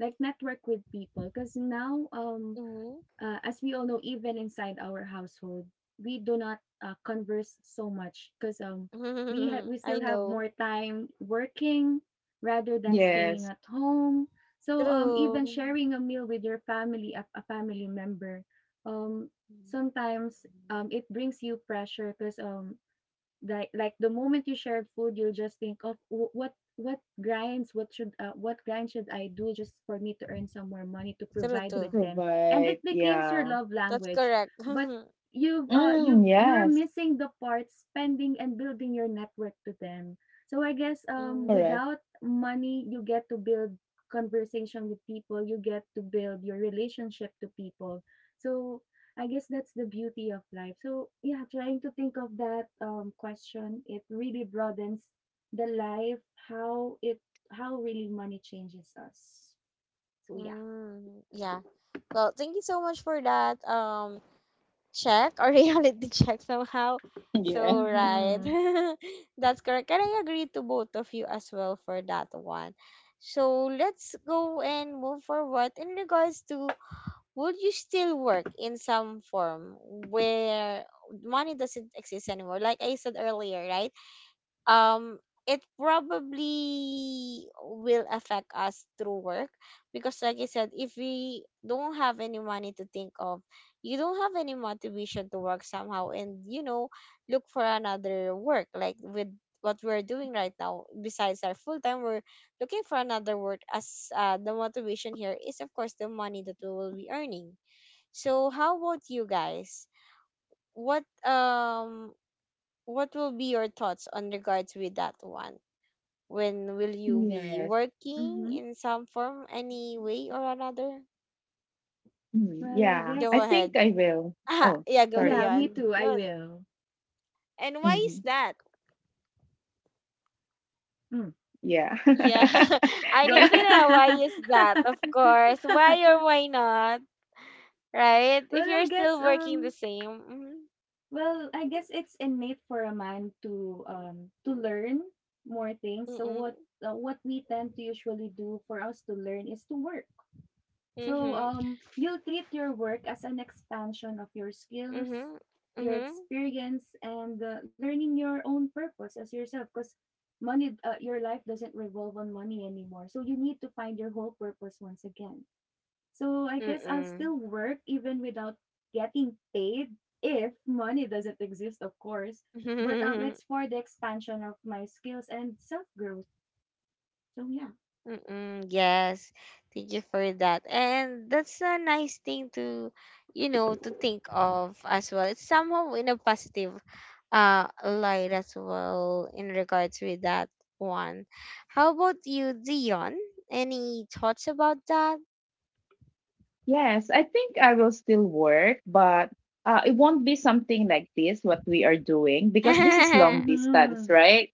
Speaker 3: like network with people, because now
Speaker 1: mm-hmm.
Speaker 3: as we all know, even inside our household, we do not converse so much because we ha- we
Speaker 1: I
Speaker 3: still have
Speaker 1: know.
Speaker 3: more time working rather than
Speaker 1: Mm-hmm.
Speaker 3: staying
Speaker 2: Yes.
Speaker 3: at home. So even
Speaker 1: True.
Speaker 3: sharing a meal with your family, a family member, um, sometimes it brings you pressure because the moment you share food, you'll just think of, "What grinds, what should what grind should I do just for me to earn some more money to
Speaker 1: True,
Speaker 3: provide
Speaker 2: To
Speaker 3: with
Speaker 1: true.
Speaker 3: them," and it
Speaker 2: provide.
Speaker 3: becomes your
Speaker 2: Yeah.
Speaker 3: love
Speaker 1: That's
Speaker 3: language.
Speaker 1: correct.
Speaker 3: But
Speaker 1: Mm,
Speaker 2: Mm,
Speaker 3: you're
Speaker 2: yes.
Speaker 3: missing the part spending and building your network to them. So I guess
Speaker 2: Correct.
Speaker 3: without money you get to build conversation with people, you get to build your relationship to people. So I guess that's the beauty of life. So, yeah, trying to think of that question, it really broadens the life, how it, how really money changes us. So, yeah.
Speaker 1: mm, yeah. Well, thank you so much for that check, or reality check somehow.
Speaker 2: Yeah.
Speaker 1: So right.
Speaker 3: Mm-hmm.
Speaker 1: That's correct. And I agree to both of you as well for that one. So let's go and move forward in regards to, would you still work in some form where money doesn't exist anymore? Like I said earlier, right? um it probably will affect us through work because, like I said, if we don't have any money to think of, you don't have any motivation to work somehow, and you know, look for another work, like with what we're doing right now. Besides our full time, we're looking for another work, as the motivation here is of course the money that we will be earning. So how about you guys? What what will be your thoughts on regards with that one? When will you be
Speaker 2: Yes.
Speaker 1: working
Speaker 3: Mm-hmm.
Speaker 1: in some form, any way or another?
Speaker 2: Mm,
Speaker 3: Well, I
Speaker 2: yeah.
Speaker 1: Go
Speaker 2: I
Speaker 3: guess,
Speaker 1: ahead.
Speaker 2: think I will. Oh,
Speaker 1: Yeah, go,
Speaker 2: sorry.
Speaker 3: yeah, me
Speaker 1: Dion.
Speaker 3: too. I
Speaker 1: Go.
Speaker 3: will.
Speaker 1: And why
Speaker 2: Hmm.
Speaker 1: is that?
Speaker 3: Mm.
Speaker 2: Yeah.
Speaker 1: Yeah, I
Speaker 3: Go.
Speaker 1: need to know why is that, of course. Why or why not, right? If
Speaker 3: well, I
Speaker 1: you're
Speaker 3: guess,
Speaker 1: still working the
Speaker 3: um,
Speaker 1: same.
Speaker 3: Well, I guess it's innate for a man to learn more things. So
Speaker 1: Mm-hmm.
Speaker 3: what we tend to usually do for us to learn is to work. So
Speaker 1: Mm-hmm.
Speaker 3: you'll treat your work as an expansion of your skills,
Speaker 1: Mm-hmm.
Speaker 3: your
Speaker 1: Mm-hmm.
Speaker 3: experience, and learning your own purpose as yourself. Because money, your life doesn't revolve on money anymore. So you need to find your whole purpose once again. So I guess I'll
Speaker 1: Mm-hmm.
Speaker 3: still work even without getting paid if money doesn't exist, of course. But
Speaker 1: Mm-mm.
Speaker 3: it's for the expansion of my skills and self growth. So yeah.
Speaker 1: Mm-mm, yes, thank you for that. And that's a nice thing to, you know, to think of as well. It's somehow in a positive light as well in regards with that one. How about you, Dion? Any thoughts about that?
Speaker 2: Yes, I think I will still work, but, it won't be something like this, what we are doing, because this is long distance,
Speaker 3: Mm-hmm.
Speaker 2: right?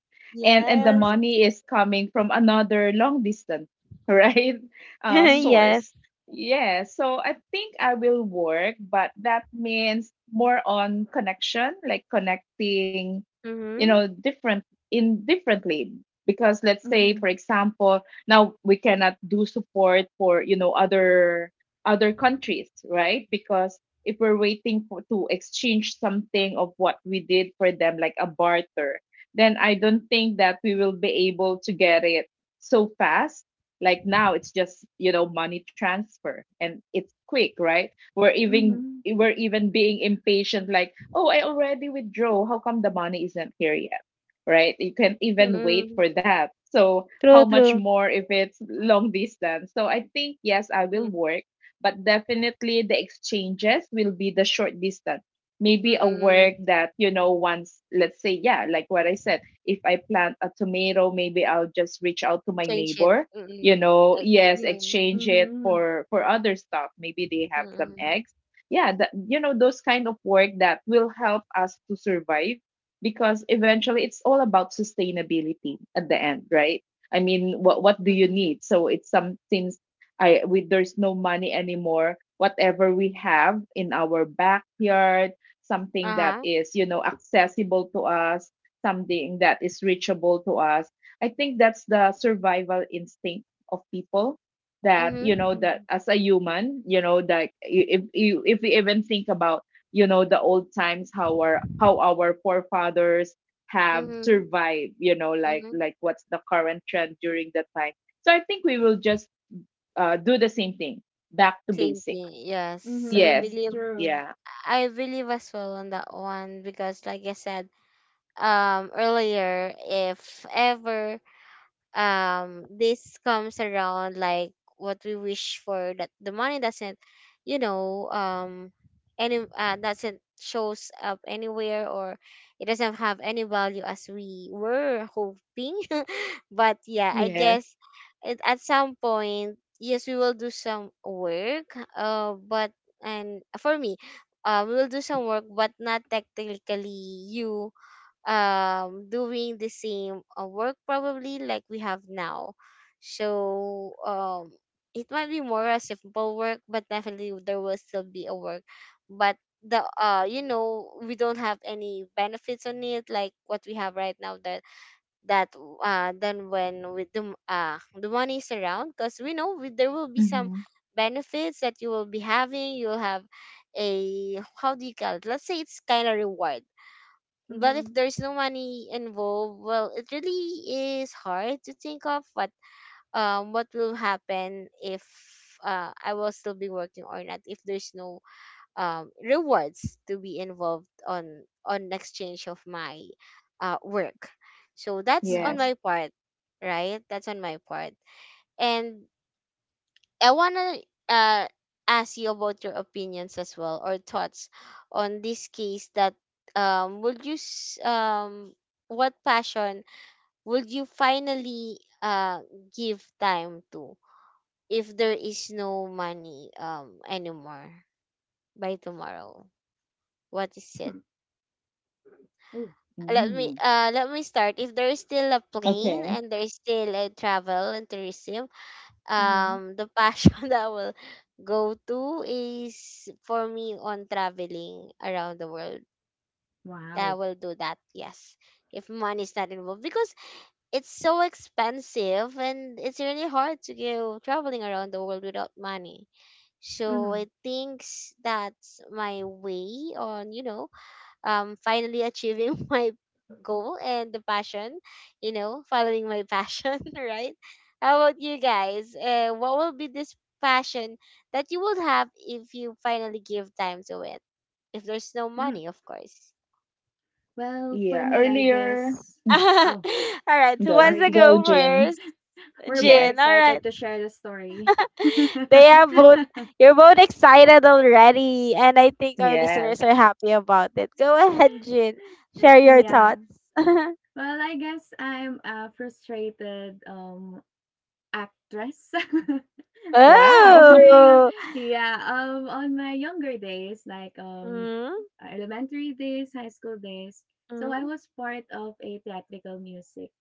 Speaker 2: And the
Speaker 1: Yes.
Speaker 3: True.
Speaker 2: money is coming from another long distance, right?
Speaker 3: Mm-hmm.
Speaker 1: Yes.
Speaker 2: Source. Yeah, so I think I will work, but that means more on connection, like connecting,
Speaker 1: Mm-hmm.
Speaker 2: different— in differently. Because let's say, for
Speaker 3: Mm-hmm.
Speaker 2: example, now we cannot do support for, other— other countries, right? Because if we're waiting for— to exchange something of what we did for them, like a barter, then I don't think that we will be able to get it so fast. Like now, it's just, money transfer and it's quick, right?
Speaker 3: Mm-hmm.
Speaker 2: We're even being impatient, like, oh, I already withdrew, how come the money isn't here yet? Right? You can even wait
Speaker 1: Mm-mm.
Speaker 2: for that. So how
Speaker 1: True,
Speaker 2: much
Speaker 1: true.
Speaker 2: more if it's long distance? So I think yes, I will
Speaker 1: Mm-hmm.
Speaker 2: work, but definitely the exchanges will be the short distance. Maybe a work
Speaker 1: Mm-mm.
Speaker 2: that, once— let's say, yeah, like what I said, if I plant a tomato, maybe I'll just reach out to my
Speaker 1: Change it.
Speaker 2: neighbor,
Speaker 1: Mm-mm. Uh,
Speaker 2: yes,
Speaker 1: mm.
Speaker 2: exchange it
Speaker 3: Mm-hmm.
Speaker 2: for— for other stuff, maybe they have some
Speaker 1: Mm-mm.
Speaker 2: eggs. Yeah, that— those kind of work that will help us to survive. Because eventually it's all about sustainability at the end, right? I mean, what do you
Speaker 1: Mm-mm.
Speaker 2: need? So it's something— I we there's no money anymore. Whatever we have in our backyard, something that
Speaker 1: Uh-huh.
Speaker 2: is, accessible to us, something that is reachable to us. I think that's the survival instinct of people that,
Speaker 1: Mm-hmm.
Speaker 2: that
Speaker 3: Mm-hmm.
Speaker 2: as a human, that if you— if we even think about, the old times, how our— how our forefathers have
Speaker 1: Mm-hmm.
Speaker 2: survived, like—
Speaker 1: Mm-hmm.
Speaker 2: like what's the current trend during that time. So I think we will just, do the same thing, back to
Speaker 1: Same
Speaker 2: basic.
Speaker 1: thing. Yes, I
Speaker 3: Mm-hmm.
Speaker 2: Yes.
Speaker 1: believe.
Speaker 3: True.
Speaker 2: Yeah.
Speaker 1: I believe as well on that one because, like I said, earlier, if ever this comes around, like what we wish for, that the money doesn't, you know, any doesn't shows up anywhere, or it doesn't have any value as we were hoping. But yeah, I
Speaker 2: Yes.
Speaker 1: guess it, at some point, yes, we will do some work, but, and for me, we will do some work, but not technically you doing the same work probably like we have now. So it might be more a simple work, but definitely there will still be a work. But the you know, we don't have any benefits on it like what we have right now, that that then when with the the money is around, because we know, we, there will be
Speaker 2: Mm-hmm.
Speaker 1: some benefits that you will be having. You'll have a, how do you call it, let's say it's kind of reward. But if
Speaker 3: Mm-hmm.
Speaker 1: there's no money involved, well, it really is hard to think of what will happen if I will still be working or not, if there's no rewards to be involved on exchange of my work. So that's on
Speaker 3: Mm-hmm.
Speaker 2: Yes.
Speaker 1: my part. Right, that's on my part. And I want to ask you about your opinions as well, or thoughts on this case, that um would you s- um what passion would you finally give time to if there is no money anymore, by tomorrow? What is it?
Speaker 3: Hmm. Ooh.
Speaker 1: Let me
Speaker 2: Mm.
Speaker 1: let me start. If there is still a plane
Speaker 2: Okay.
Speaker 1: and there is still a travel and tourism,
Speaker 3: Mm-hmm.
Speaker 1: the passion that I will go to is for me on traveling around the world. I
Speaker 3: Wow.
Speaker 1: will do that, yes. If money is not involved, because it's so expensive and it's really hard to go traveling around the world without money. So
Speaker 3: Mm-hmm.
Speaker 1: I think that's my way on, you know, finally achieving my goal, and the passion, you know, following my passion. Right? How about you guys? What will be this passion that you would have if you finally give time to it, if there's no
Speaker 3: Mm-hmm.
Speaker 1: money, of course?
Speaker 3: Well, for
Speaker 2: Yeah.
Speaker 3: me, I
Speaker 2: Earlier.
Speaker 3: guess.
Speaker 1: All
Speaker 3: Oh,
Speaker 1: right, who
Speaker 2: Go.
Speaker 1: wants to
Speaker 3: sorry.
Speaker 2: Go,
Speaker 1: go
Speaker 2: Jin.
Speaker 1: first?
Speaker 3: We're both
Speaker 2: Yes.
Speaker 1: Jin? All right.
Speaker 3: excited to share the story.
Speaker 1: They are both, you're both excited already, and I think our
Speaker 2: Yes.
Speaker 1: listeners are happy about it. Go ahead, Jin, share your
Speaker 3: Yeah.
Speaker 1: thoughts.
Speaker 3: Well, I guess I'm a frustrated actress. So
Speaker 2: Wow.
Speaker 3: during
Speaker 1: Oh.
Speaker 3: yeah, on my younger days, like
Speaker 1: Mhm,
Speaker 3: elementary days, high school days, so I
Speaker 1: mhm,
Speaker 3: was part of a theatrical music.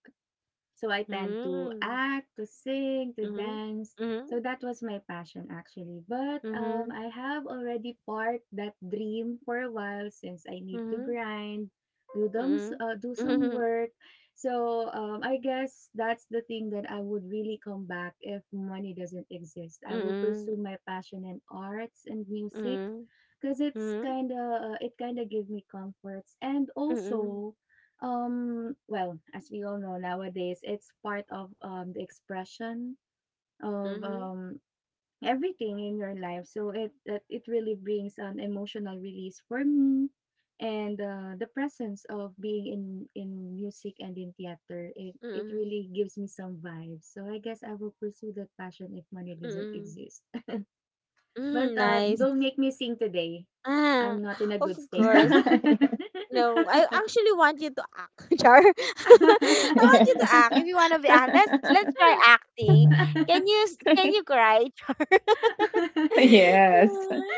Speaker 3: So I tend to
Speaker 1: mhm,
Speaker 3: act, to sing, to
Speaker 1: mhm,
Speaker 3: dance. So that was my passion actually. But
Speaker 1: mhm,
Speaker 3: I have already parked that dream for a while since I need to
Speaker 1: mhm,
Speaker 3: grind, do them,
Speaker 1: mhm,
Speaker 3: do some
Speaker 1: mhm,
Speaker 3: work. So I guess that's the thing that I would really come back if money doesn't exist. I will
Speaker 1: mhm,
Speaker 3: pursue my passion in arts and
Speaker 1: mhm,
Speaker 3: music
Speaker 1: mhm,
Speaker 3: because it's
Speaker 1: mhm,
Speaker 3: kind of it kind of give me comforts and
Speaker 1: mhm, mhm,
Speaker 3: also, um, well, as we all know nowadays, it's part of, the expression of, everything in your life. So it really brings an emotional release for me, and, the presence of being in music and in theater, it
Speaker 1: mhm,
Speaker 3: it
Speaker 1: mhm.
Speaker 3: really gives me some vibes. So I guess I will pursue that passion if money doesn't exist.
Speaker 1: Mhm,
Speaker 3: But,
Speaker 1: nice.
Speaker 2: Mm.
Speaker 3: don't make me sing today.
Speaker 1: Ah,
Speaker 3: I'm not in a
Speaker 1: of
Speaker 3: good state.
Speaker 1: course. No, I actually want you to act, Char. I want you to
Speaker 2: Yes.
Speaker 1: act. If you want to be act, let's try acting. Can you can you cry, Char?
Speaker 2: Yes.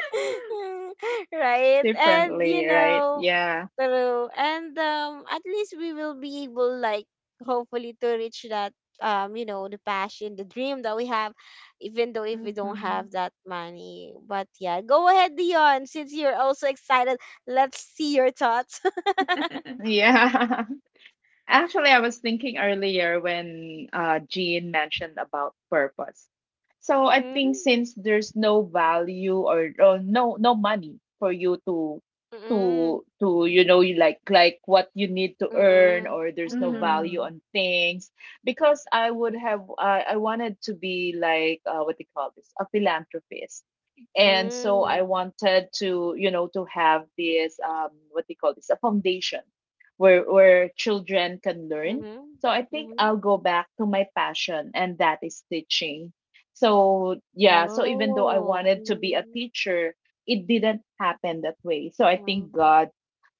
Speaker 1: Right, and you
Speaker 2: Differently, right?
Speaker 1: know,
Speaker 2: Yeah.
Speaker 1: true, and at least we will be able, like, hopefully to reach that you know, the passion, the dream that we have, even though if we don't
Speaker 3: Mhm.
Speaker 1: have that money. But yeah, go ahead, Dion, since you're also excited. Let's see your thoughts.
Speaker 2: Yeah. Actually, I was thinking earlier when, Jean mentioned about purpose. So I think
Speaker 1: Mm,
Speaker 2: since there's no value, or— or no money for you to—
Speaker 1: mm,
Speaker 2: you like— like what you need to earn,
Speaker 1: mm,
Speaker 2: or there's no
Speaker 1: mm,
Speaker 2: value
Speaker 3: Mhm.
Speaker 2: on things, because I would have— I wanted to be like, what they call this, a philanthropist. And so I
Speaker 1: mm,
Speaker 2: wanted to, to have this, um, what do you call this, a foundation, where— where children can
Speaker 1: mm,
Speaker 2: learn. So I think
Speaker 1: mm.
Speaker 2: I'll go back to my passion, and that is teaching. So yeah, so even though I
Speaker 1: Oh.
Speaker 2: wanted to be a teacher, it didn't happen that way. So I
Speaker 1: Hmm.
Speaker 2: think god—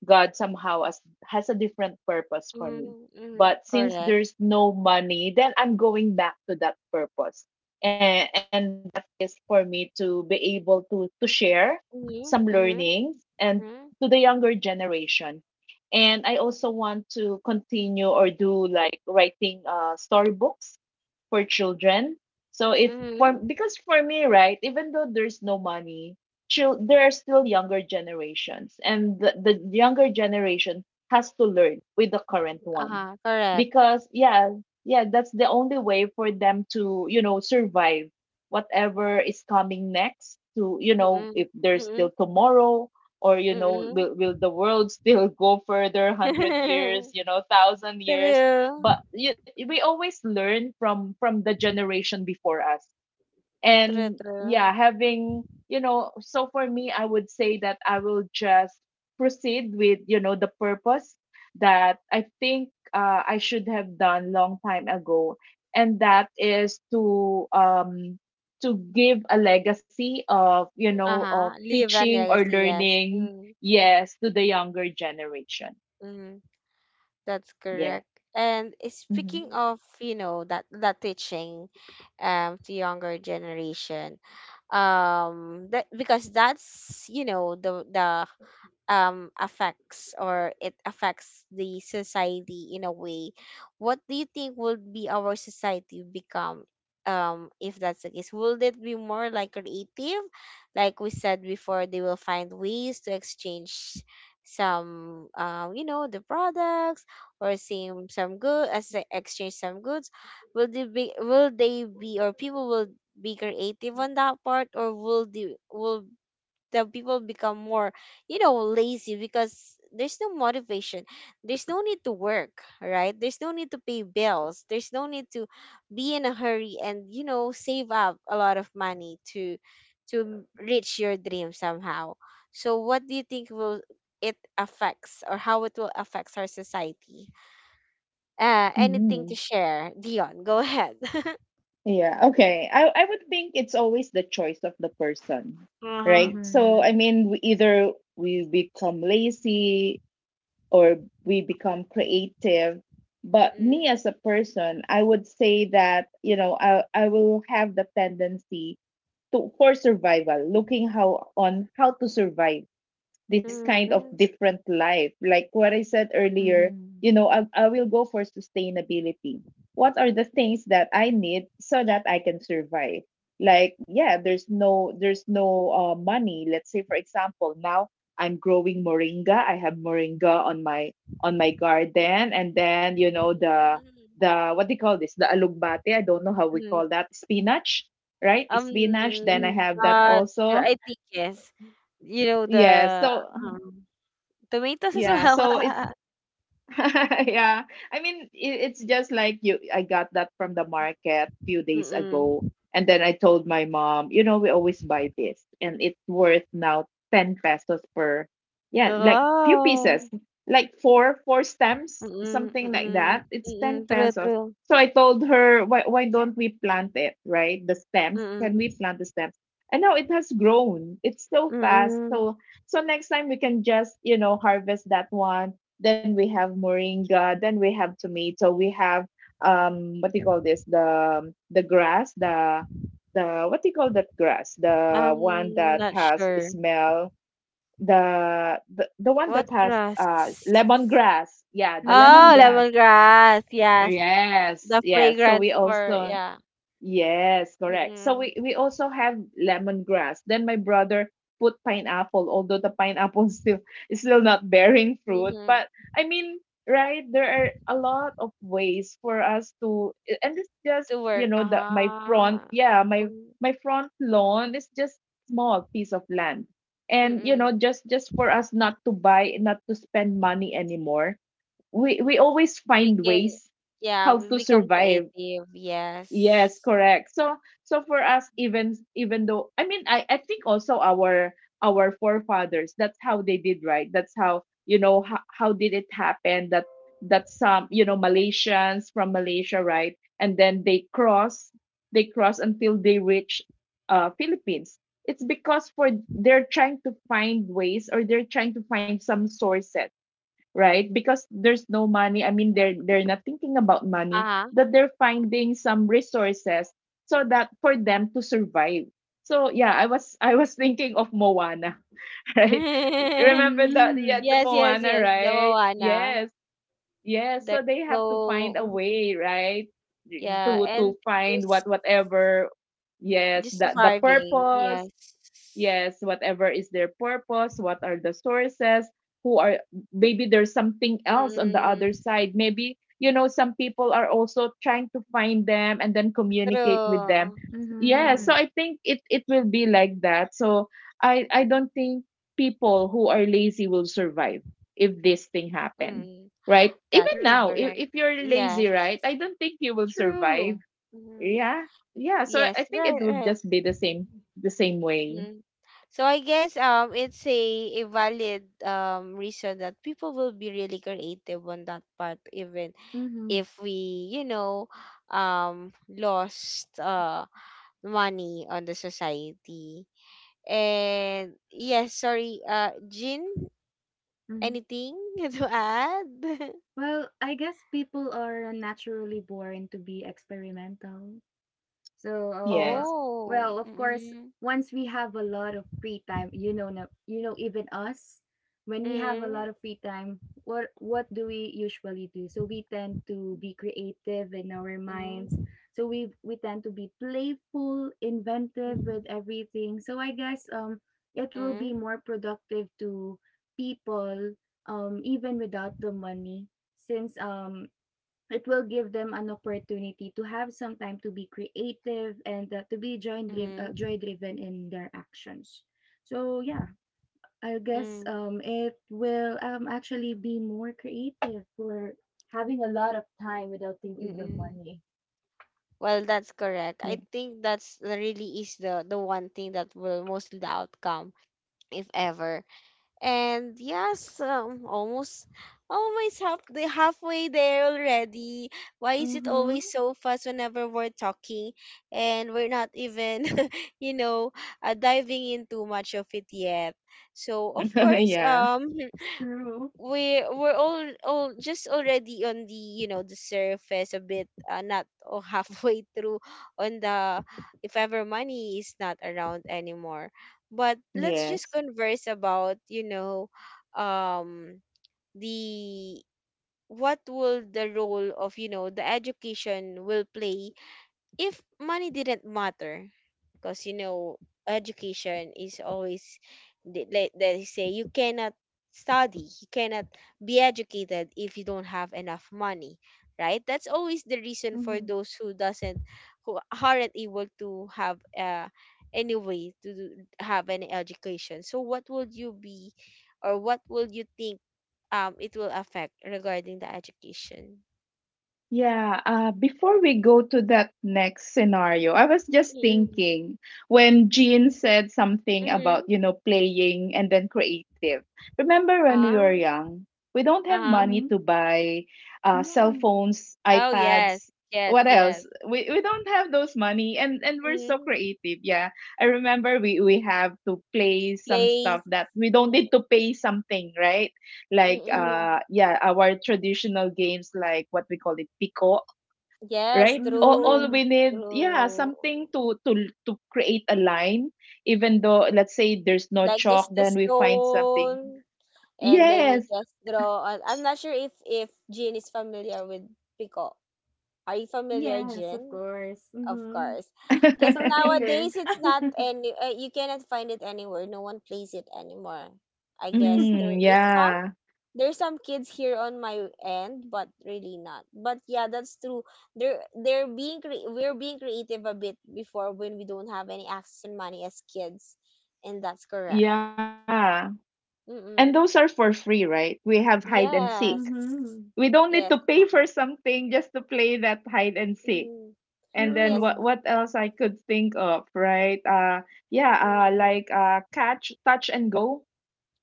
Speaker 2: God somehow has— has a different purpose for me.
Speaker 1: Mhm, mhm,
Speaker 2: But since
Speaker 1: correct.
Speaker 2: there's no money, then I'm going back to that purpose. And— that is for me to be able to— to share some
Speaker 1: Mhm, mhm,
Speaker 2: learnings and to
Speaker 1: mhm,
Speaker 2: the younger generation. And I also want to continue or do, like, writing, storybooks for children. So it's
Speaker 1: mhm.
Speaker 2: for— because for me, right, even though there's no money, there are still younger generations, and the younger generation has to learn with the current one,
Speaker 1: Uh-huh, correct.
Speaker 2: because yeah, yeah, that's the only way for them to, survive whatever is coming next. To, if
Speaker 1: Mm,
Speaker 2: there's still
Speaker 1: mm,
Speaker 2: tomorrow, or,
Speaker 1: mm.
Speaker 2: will the world still go further 100 years, 1000 years.
Speaker 1: True.
Speaker 2: But we always learn from the generation before us.
Speaker 1: True,
Speaker 2: And yeah,
Speaker 1: true.
Speaker 2: having so for me, I would say that I will just proceed with the purpose that I think, I should have done long time ago. And that is to give a legacy of, of
Speaker 1: Uh-huh. Leave a
Speaker 2: teaching or
Speaker 1: legacy, yes.
Speaker 2: learning.
Speaker 1: Mm,
Speaker 2: Yes, to the younger generation.
Speaker 1: mm, that's
Speaker 2: Yeah.
Speaker 1: correct. And
Speaker 2: Hmm.
Speaker 1: speaking of, you know, that teaching to younger generation, that because that's you know the affects or it affects the society in a way. What do you think would be our society become if that's the case? Will it be more like creative, like we said before? They will find ways to exchange some the products, or same some good as exchange some goods. Will they be, or people will be creative on that part? Or will the people become more, you know, lazy because there's no motivation? There's no need to work, right? There's no need to pay bills, there's no need to be in a hurry, and you know, save up a lot of money to reach your dream somehow. So what do you think will it affects, or how it will affects our society? Anything to share, Dion? Go ahead.
Speaker 2: Yeah, okay. I would think it's always the choice of the person,
Speaker 1: Uh-huh.
Speaker 2: right? So, I
Speaker 3: Mhm.
Speaker 2: mean, we either we become lazy or we become creative. But me as a person, I would say that, you know, I will have the tendency to for survival, looking how on how to survive this kind of different life. Like what I said earlier,
Speaker 3: Mhm.
Speaker 2: you know, I will go for sustainability. What are the things that I need so that I can survive? Like, yeah, there's no money. Let's say, for example, now I'm growing moringa. I have moringa on my garden, and then, you know,
Speaker 1: Mm-hmm.
Speaker 2: the what do you call this? The alugbate. I don't know how we call that. Spinach, right?
Speaker 1: I'm
Speaker 2: Spinach. Then I
Speaker 3: Mhm.
Speaker 2: have that
Speaker 1: not sure.
Speaker 2: also.
Speaker 1: I think yes. You know
Speaker 2: Yeah.
Speaker 1: the
Speaker 2: So
Speaker 1: um, tomatoes as
Speaker 2: yeah.
Speaker 1: well.
Speaker 2: So it's yeah. I mean, it's just like you I got that from the market few days ago,
Speaker 1: Mm-mm.
Speaker 2: and then I told my mom, you know, we always buy this and it's worth now 10 pesos per, yeah, like few pieces,
Speaker 1: Oh.
Speaker 2: like four stems,
Speaker 1: Mm-mm,
Speaker 2: something like
Speaker 1: mm-mm,
Speaker 2: that. It's 10
Speaker 1: mm-mm. True,
Speaker 2: pesos.
Speaker 1: true.
Speaker 2: So I told her, why don't we plant it, right? The stems. Can
Speaker 1: Mm-mm,
Speaker 2: we plant the stems? And now it has grown. It's so fast.
Speaker 1: mm-mm.
Speaker 2: So next time we can just, you know, harvest that one. Then we have moringa, then we have tomato, we have, what do you call this? The grass, the what do you call that grass? The
Speaker 1: I'm
Speaker 2: one that
Speaker 1: not
Speaker 2: has
Speaker 1: sure.
Speaker 2: smell, the one that
Speaker 1: What
Speaker 2: has,
Speaker 1: grass?
Speaker 2: lemongrass. Yeah, the
Speaker 1: Oh,
Speaker 2: lemongrass.
Speaker 3: Mhm.
Speaker 1: lemongrass. Yes.
Speaker 2: Yes,
Speaker 1: The
Speaker 2: yes. So
Speaker 1: fragrance
Speaker 2: we
Speaker 1: for,
Speaker 2: also
Speaker 1: yeah.
Speaker 2: yes, correct. So
Speaker 1: Mm-mm,
Speaker 2: we also have lemongrass. Then my brother put pineapple, although the pineapple still is still not bearing fruit.
Speaker 1: mm-hmm.
Speaker 2: But I mean, right, there are a lot of ways for us to, and it's just,
Speaker 1: To
Speaker 2: you
Speaker 1: work.
Speaker 2: know, the my
Speaker 1: Ah.
Speaker 2: front, yeah, my front lawn is just small piece of land. And you
Speaker 1: Mm-mm.
Speaker 2: know, just for us not to buy, not to spend money anymore. We always
Speaker 1: We
Speaker 2: find
Speaker 1: can,
Speaker 2: ways
Speaker 1: yeah,
Speaker 2: how
Speaker 1: we
Speaker 2: to
Speaker 1: become
Speaker 2: survive.
Speaker 1: creative.
Speaker 2: Yes,
Speaker 1: Yes.
Speaker 2: correct. So for us even though I mean I think also our forefathers that's how they did, right. That's how, you know, how did it happen that that some, you know, Malaysians from Malaysia, right, and then they cross until they reach Philippines. It's because for they're trying to find ways or they're trying to find some sources, right, because there's no money. I mean, they're not thinking about
Speaker 1: Uh
Speaker 2: money,
Speaker 1: huh.
Speaker 2: that they're finding some resources so that for them to survive. So yeah, I was thinking of Moana. Right? Remember that? Yeah,
Speaker 3: Mhm.
Speaker 2: the
Speaker 1: Yes, yes,
Speaker 2: Moana,
Speaker 1: yes. The
Speaker 2: right?
Speaker 1: Moana.
Speaker 2: Yes, yes.
Speaker 1: There's
Speaker 2: So they have to find a
Speaker 1: no, mhm,
Speaker 2: way, right,
Speaker 1: yeah,
Speaker 2: to
Speaker 1: and
Speaker 2: find what,
Speaker 1: there's
Speaker 2: whatever. Yes,
Speaker 1: just
Speaker 2: the
Speaker 1: surviving.
Speaker 2: purpose.
Speaker 1: Yes.
Speaker 2: Yes, whatever is their purpose, what are the sources, who are, maybe there's something else on the
Speaker 1: Mm-mm.
Speaker 2: other side. Maybe, you know, some people are also trying to find them and then communicate with them.
Speaker 1: True.
Speaker 2: Yeah,
Speaker 1: Mm-mm.
Speaker 3: Mhm.
Speaker 2: so I think it will be like that. So I don't think people who are lazy will survive if this thing happen,
Speaker 1: Mm-mm.
Speaker 2: right? Even
Speaker 3: True.
Speaker 1: That's
Speaker 2: now, if
Speaker 1: correct.
Speaker 2: if you're
Speaker 1: Yes.
Speaker 2: lazy, right? I don't think you will
Speaker 3: True.
Speaker 2: survive.
Speaker 1: Mm-hmm.
Speaker 2: Yeah. Yeah, so
Speaker 1: Yes.
Speaker 2: I think it
Speaker 1: Right.
Speaker 2: will
Speaker 1: Right.
Speaker 2: just be the same, the same way.
Speaker 1: Mm. So I guess it's a valid reason that people will be really creative on that part, even if
Speaker 3: Mhm.
Speaker 1: we, you know, lost money on the society. And yes, sorry, Jean,
Speaker 3: Mhm.
Speaker 1: anything to add?
Speaker 3: Well, I guess people are naturally born to be experimental. So
Speaker 2: Yes.
Speaker 1: Oh.
Speaker 3: well of course
Speaker 1: Mm-mm.
Speaker 3: once we have a lot of free time, you know, you know, even us, when we have a
Speaker 1: Mm-mm.
Speaker 3: lot of free time, what do we usually do? So we tend to be creative in our minds,
Speaker 1: Mm-mm.
Speaker 3: so we tend to be playful, inventive with everything. So I guess it will be
Speaker 1: Mm-mm.
Speaker 3: more productive to people, even without the money, since it will give them an opportunity to have some time to be creative, and, to be
Speaker 1: Mm-mm.
Speaker 3: joy driven in their actions. So yeah, I guess it will actually be more creative for having a lot of time without thinking the
Speaker 1: Mm-mm.
Speaker 3: money.
Speaker 1: Well, that's correct.
Speaker 2: Yeah.
Speaker 1: I think that's the really is the one thing that will mostly the outcome, if ever. And yes, almost, almost half the halfway there already. Why is it
Speaker 3: Mm-hmm.
Speaker 1: always so fast whenever we're talking, and we're not even, you know, diving in too much of it yet? So of course,
Speaker 2: Yeah.
Speaker 3: True.
Speaker 1: we're all just already on the, you know, the surface a bit not oh, halfway through on the, if ever money is not around anymore. But let's just
Speaker 2: Yes.
Speaker 1: converse about, you know, um the what will the role of, you know, the education will play if money didn't matter? Because you know, education is always, they say you cannot study, you cannot be educated if you don't have enough money, right? That's always the reason for
Speaker 3: Mm-hmm.
Speaker 1: those who doesn't, who aren't able to have any way to have any education. So what would you be, or what will you think it will affect regarding the education?
Speaker 2: Yeah. Before we go to that next scenario, I was just
Speaker 1: Mm-hmm.
Speaker 2: thinking when Jean said something
Speaker 1: Mm-hmm.
Speaker 2: about, you know, playing and then creative. Remember when we
Speaker 1: Uh-huh.
Speaker 2: were young, we don't have money
Speaker 3: Mm-hmm.
Speaker 2: to buy, cell
Speaker 3: Yeah.
Speaker 2: phones,
Speaker 1: Oh, yes.
Speaker 2: iPads.
Speaker 1: Yes,
Speaker 2: What
Speaker 1: yes.
Speaker 2: else? We don't have those money and we're so
Speaker 1: Mm.
Speaker 2: creative. Yeah. I remember we have to play some
Speaker 1: Place.
Speaker 2: stuff that we don't
Speaker 1: Mm,
Speaker 2: need to pay something, right? Like,
Speaker 3: True.
Speaker 1: mm-mm.
Speaker 2: yeah, our traditional games, like what we call it pico,
Speaker 1: Yes,
Speaker 2: right? All
Speaker 1: true.
Speaker 3: Mm-hmm.
Speaker 2: we need, yeah,
Speaker 1: True.
Speaker 2: something to to create a line, even though let's say there's no
Speaker 1: Like
Speaker 2: chalk,
Speaker 1: just the
Speaker 2: then we find something.
Speaker 1: stone and then you
Speaker 2: Yes.
Speaker 1: just draw on. I'm not sure if Jean is familiar with Pico. Are you familiar,
Speaker 3: Yes, of
Speaker 1: Jean?
Speaker 3: course.
Speaker 1: Of
Speaker 3: Mm-hmm.
Speaker 1: course.
Speaker 3: A
Speaker 1: Because
Speaker 3: star
Speaker 1: nowadays
Speaker 3: player.
Speaker 1: it's not any you cannot find it anywhere. No one plays it anymore. I guess there
Speaker 2: Mm,
Speaker 1: is some,
Speaker 2: yeah.
Speaker 1: there's some kids here on my end, but really not. But yeah, that's true. They're being we're being creative a bit before when we don't have any access and money as kids, and that's correct.
Speaker 2: Yeah, and those are
Speaker 1: Mm-mm.
Speaker 2: for free, right? We have hide and seek.
Speaker 1: Yes,
Speaker 2: We
Speaker 3: Mhm.
Speaker 2: don't need to
Speaker 1: yes,
Speaker 2: pay for something just to play that hide and seek.
Speaker 1: mm,
Speaker 2: And then
Speaker 1: yes,
Speaker 2: what
Speaker 3: True.
Speaker 2: what else I could think of, right? Yeah,
Speaker 1: mm,
Speaker 2: like catch, touch and go,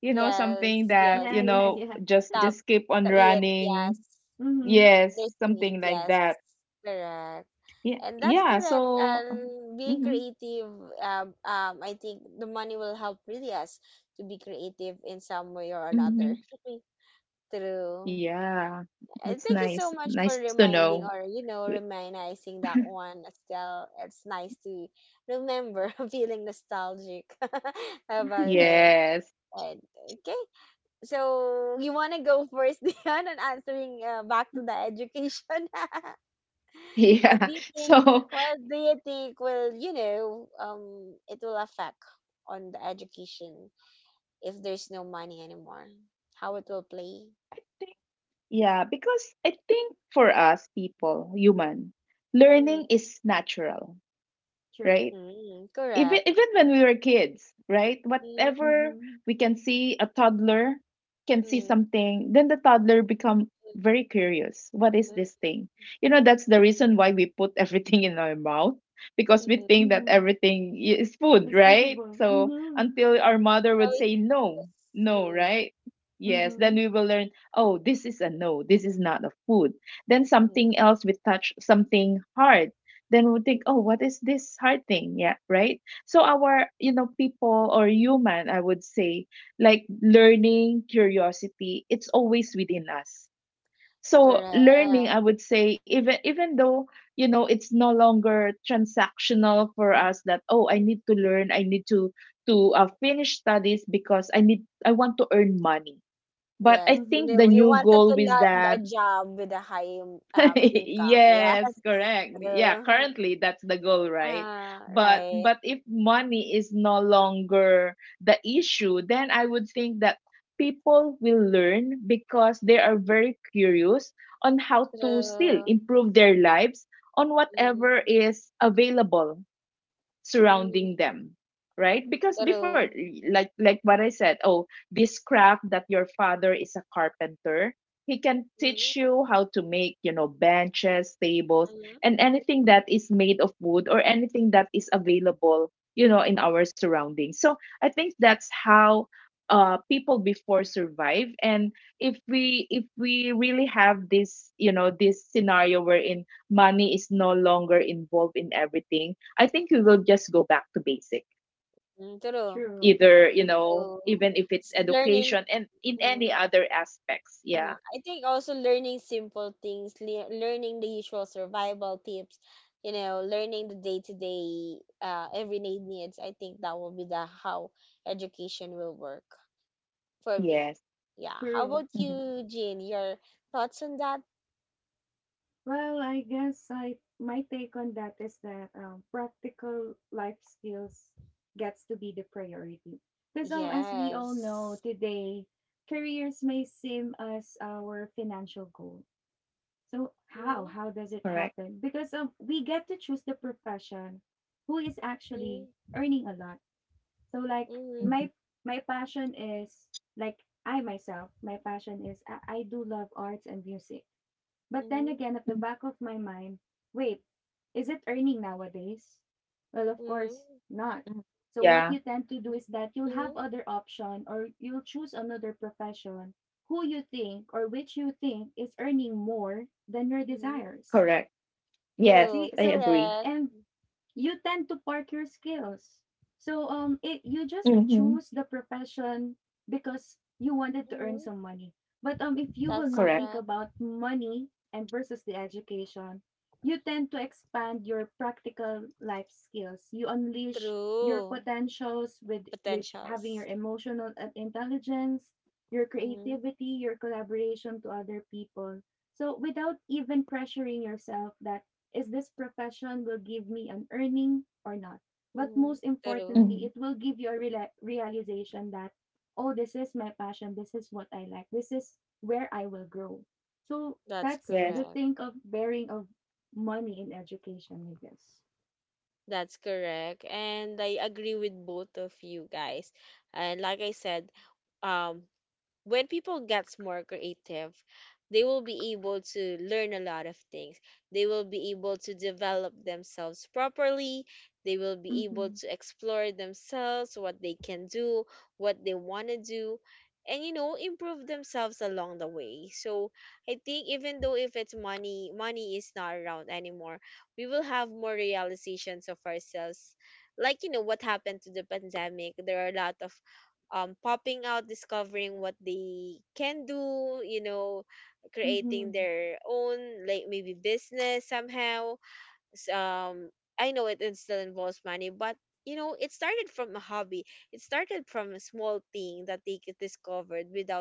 Speaker 2: you know, something
Speaker 1: yes, yes.
Speaker 2: that,
Speaker 3: Yeah,
Speaker 2: you
Speaker 3: yeah,
Speaker 2: know,
Speaker 3: yeah.
Speaker 1: Stop
Speaker 2: just keep
Speaker 1: the
Speaker 2: on
Speaker 1: it. Yes,
Speaker 2: running.
Speaker 3: Mhm.
Speaker 1: there's
Speaker 2: Yes,
Speaker 1: a need,
Speaker 2: something like
Speaker 1: yes.
Speaker 2: that.
Speaker 1: Correct.
Speaker 2: Yeah,
Speaker 1: And that's
Speaker 2: yeah,
Speaker 1: correct.
Speaker 2: so
Speaker 1: And being
Speaker 2: mhm.
Speaker 1: creative, I think the money will help really us to be creative in some way or another.
Speaker 2: Mhm.
Speaker 1: True.
Speaker 2: Yeah.
Speaker 1: And
Speaker 2: That's
Speaker 1: thank you so
Speaker 2: nice.
Speaker 1: much for
Speaker 2: Nice to know.
Speaker 1: reminding, or you know,
Speaker 2: W-
Speaker 1: reminiscing that one, Estelle. It's nice to remember feeling nostalgic about it.
Speaker 2: Yes.
Speaker 1: And, okay. So you want to go first, Dion, and answering back to the education? What do
Speaker 2: Yeah.
Speaker 1: you think?
Speaker 2: So
Speaker 1: What do you think will, you know, it will affect on the education if there's no money anymore? How it will play?
Speaker 2: yeah, because I think for us people, human,
Speaker 1: Mm,
Speaker 2: learning is natural,
Speaker 3: True.
Speaker 2: right?
Speaker 1: mm,
Speaker 2: even
Speaker 1: correct.
Speaker 2: even when we were kids, right?
Speaker 1: Mm,
Speaker 2: Whatever
Speaker 3: Mhm.
Speaker 2: we can see, a toddler can see
Speaker 1: mm,
Speaker 2: something, then the toddler become very curious. What
Speaker 1: mm, mm,
Speaker 2: is this thing? You know, that's the reason why we put everything in our mouth because we
Speaker 1: mm.
Speaker 2: think that
Speaker 3: Mhm.
Speaker 2: everything is food,
Speaker 3: It's
Speaker 2: right?
Speaker 3: edible.
Speaker 2: So
Speaker 3: Mhm.
Speaker 2: until our
Speaker 1: So
Speaker 2: mother would
Speaker 1: it's,
Speaker 2: say no,
Speaker 1: yes,
Speaker 2: no,
Speaker 1: mm,
Speaker 2: right? Yes, then
Speaker 3: Mhm.
Speaker 2: we will learn, oh, this is a no, this is not a food. Then
Speaker 1: mm,
Speaker 2: something else we touch something hard, then we think,
Speaker 1: mm.
Speaker 2: oh, what is this hard thing? Yeah, right, so our, you know, people or human I would say, like, learning curiosity, it's always within us. So
Speaker 1: Correct.
Speaker 2: learning, I would say, even though, you know, it's no longer transactional for us, that oh, I need to learn, I need to finish studies because I need I want to earn money. But
Speaker 1: Yes,
Speaker 2: I
Speaker 1: you
Speaker 2: think
Speaker 1: know,
Speaker 3: Mhm.
Speaker 2: the
Speaker 1: you
Speaker 2: new
Speaker 1: wanted to
Speaker 2: goal with
Speaker 1: land a
Speaker 2: that
Speaker 1: job with a high income.
Speaker 2: yes,
Speaker 1: Yes,
Speaker 2: correct. Yeah,
Speaker 1: true.
Speaker 2: currently that's the goal, right?
Speaker 1: Ah,
Speaker 2: But
Speaker 1: right.
Speaker 2: but if money is no longer the issue, then I would think that people will learn because they are very curious on how to still
Speaker 1: True.
Speaker 2: improve their lives on
Speaker 1: Mm,
Speaker 2: whatever is available
Speaker 1: mm,
Speaker 2: surrounding them, right? Because before,
Speaker 1: true.
Speaker 2: like what I said, oh, this craft that your father is a carpenter, he can
Speaker 1: Mhm,
Speaker 2: teach you how to make, you know, benches, tables,
Speaker 1: mhm,
Speaker 2: and anything that is made of wood or anything that is available, you know, in our surroundings. So I think that's how, people before survive. And if we really have this, you know, this scenario wherein money is no longer involved in everything, I think we will just go back to basic.
Speaker 1: mm, true,
Speaker 3: True.
Speaker 2: Either, you know,
Speaker 1: true.
Speaker 2: even if it's
Speaker 1: S- Learning,
Speaker 2: education and in
Speaker 1: mhm,
Speaker 2: any other aspects.
Speaker 1: mhm.
Speaker 2: Yeah.
Speaker 1: I think also learning simple things, learning the usual survival tips, you know, learning the day-to-day, everyday needs. I think that will be the how education will work for me.
Speaker 2: Yes.
Speaker 1: Yeah. How about
Speaker 3: True.
Speaker 2: Hmm.
Speaker 1: you, Jean? Your thoughts on that?
Speaker 3: Well, I guess I my take on that is that practical life skills gets to be the priority. Because as we all
Speaker 1: Yes.
Speaker 3: know today, careers may seem as our financial goal. So
Speaker 1: Mm-hmm.
Speaker 3: how does it
Speaker 2: Correct.
Speaker 3: happen? Because we get to choose the profession who is actually earning a lot. So
Speaker 1: Mm-hmm.
Speaker 2: Hmm.
Speaker 3: my passion is, like I myself, my passion is, I do love arts and music. But then
Speaker 1: Mm-hmm.
Speaker 3: again, at the back of my mind, wait, is it earning nowadays? Well, of
Speaker 1: Mm-hmm.
Speaker 3: course not.
Speaker 2: Mm.
Speaker 3: So what
Speaker 2: Yeah.
Speaker 3: you tend to do is that you'll
Speaker 1: Mm-hmm. Mm-hmm.
Speaker 3: have other option, or you'll choose another profession who you think, or which you think, is earning more than your
Speaker 1: Mm-hmm.
Speaker 3: desires.
Speaker 2: Correct. Yes,
Speaker 1: True.
Speaker 3: See,
Speaker 2: I
Speaker 3: so
Speaker 2: agree.
Speaker 1: Correct.
Speaker 3: and you tend to park your skills. So it, you just
Speaker 2: Hmm.
Speaker 3: choose the profession because you wanted to
Speaker 1: Mm-hmm.
Speaker 3: earn some money. But if you
Speaker 1: That's
Speaker 3: will not think
Speaker 2: Correct.
Speaker 1: correct.
Speaker 3: about money and versus the education, you tend to expand your practical life skills. You unleash your
Speaker 1: True.
Speaker 3: potentials with having
Speaker 1: Potentials.
Speaker 3: your emotional intelligence, your
Speaker 1: Mm-hmm.
Speaker 3: creativity, your collaboration to other people. So without even pressuring yourself that is this profession will give me an earning or not. But
Speaker 1: Mm-hmm.
Speaker 3: most
Speaker 1: True.
Speaker 3: importantly, it
Speaker 2: Hmm.
Speaker 3: will give you a real realization that, oh, this is my passion. This is what I like. This is where I will grow. So
Speaker 1: That's
Speaker 3: that's
Speaker 2: Yes.
Speaker 3: the
Speaker 1: correct.
Speaker 3: thing of bearing of money in education, I guess.
Speaker 1: That's correct. And I agree with both of you guys. And like I said, um, when people gets more creative, they will be able to learn a lot of things, they will be able to develop themselves properly, they will be able
Speaker 3: Mm-hmm.
Speaker 1: to explore themselves what they can do, what they want to do, and you know, improve themselves along the way. So I think even though if it's money is not around anymore, we will have more realizations of ourselves, like you know what happened to the pandemic. There are a lot of popping out, discovering what they can do, you know, creating
Speaker 3: Mm-hmm.
Speaker 1: their own, like maybe business somehow. S- Um, I know it, it still involves money, but you know, it started from a hobby. It started from a small thing that they could discovered without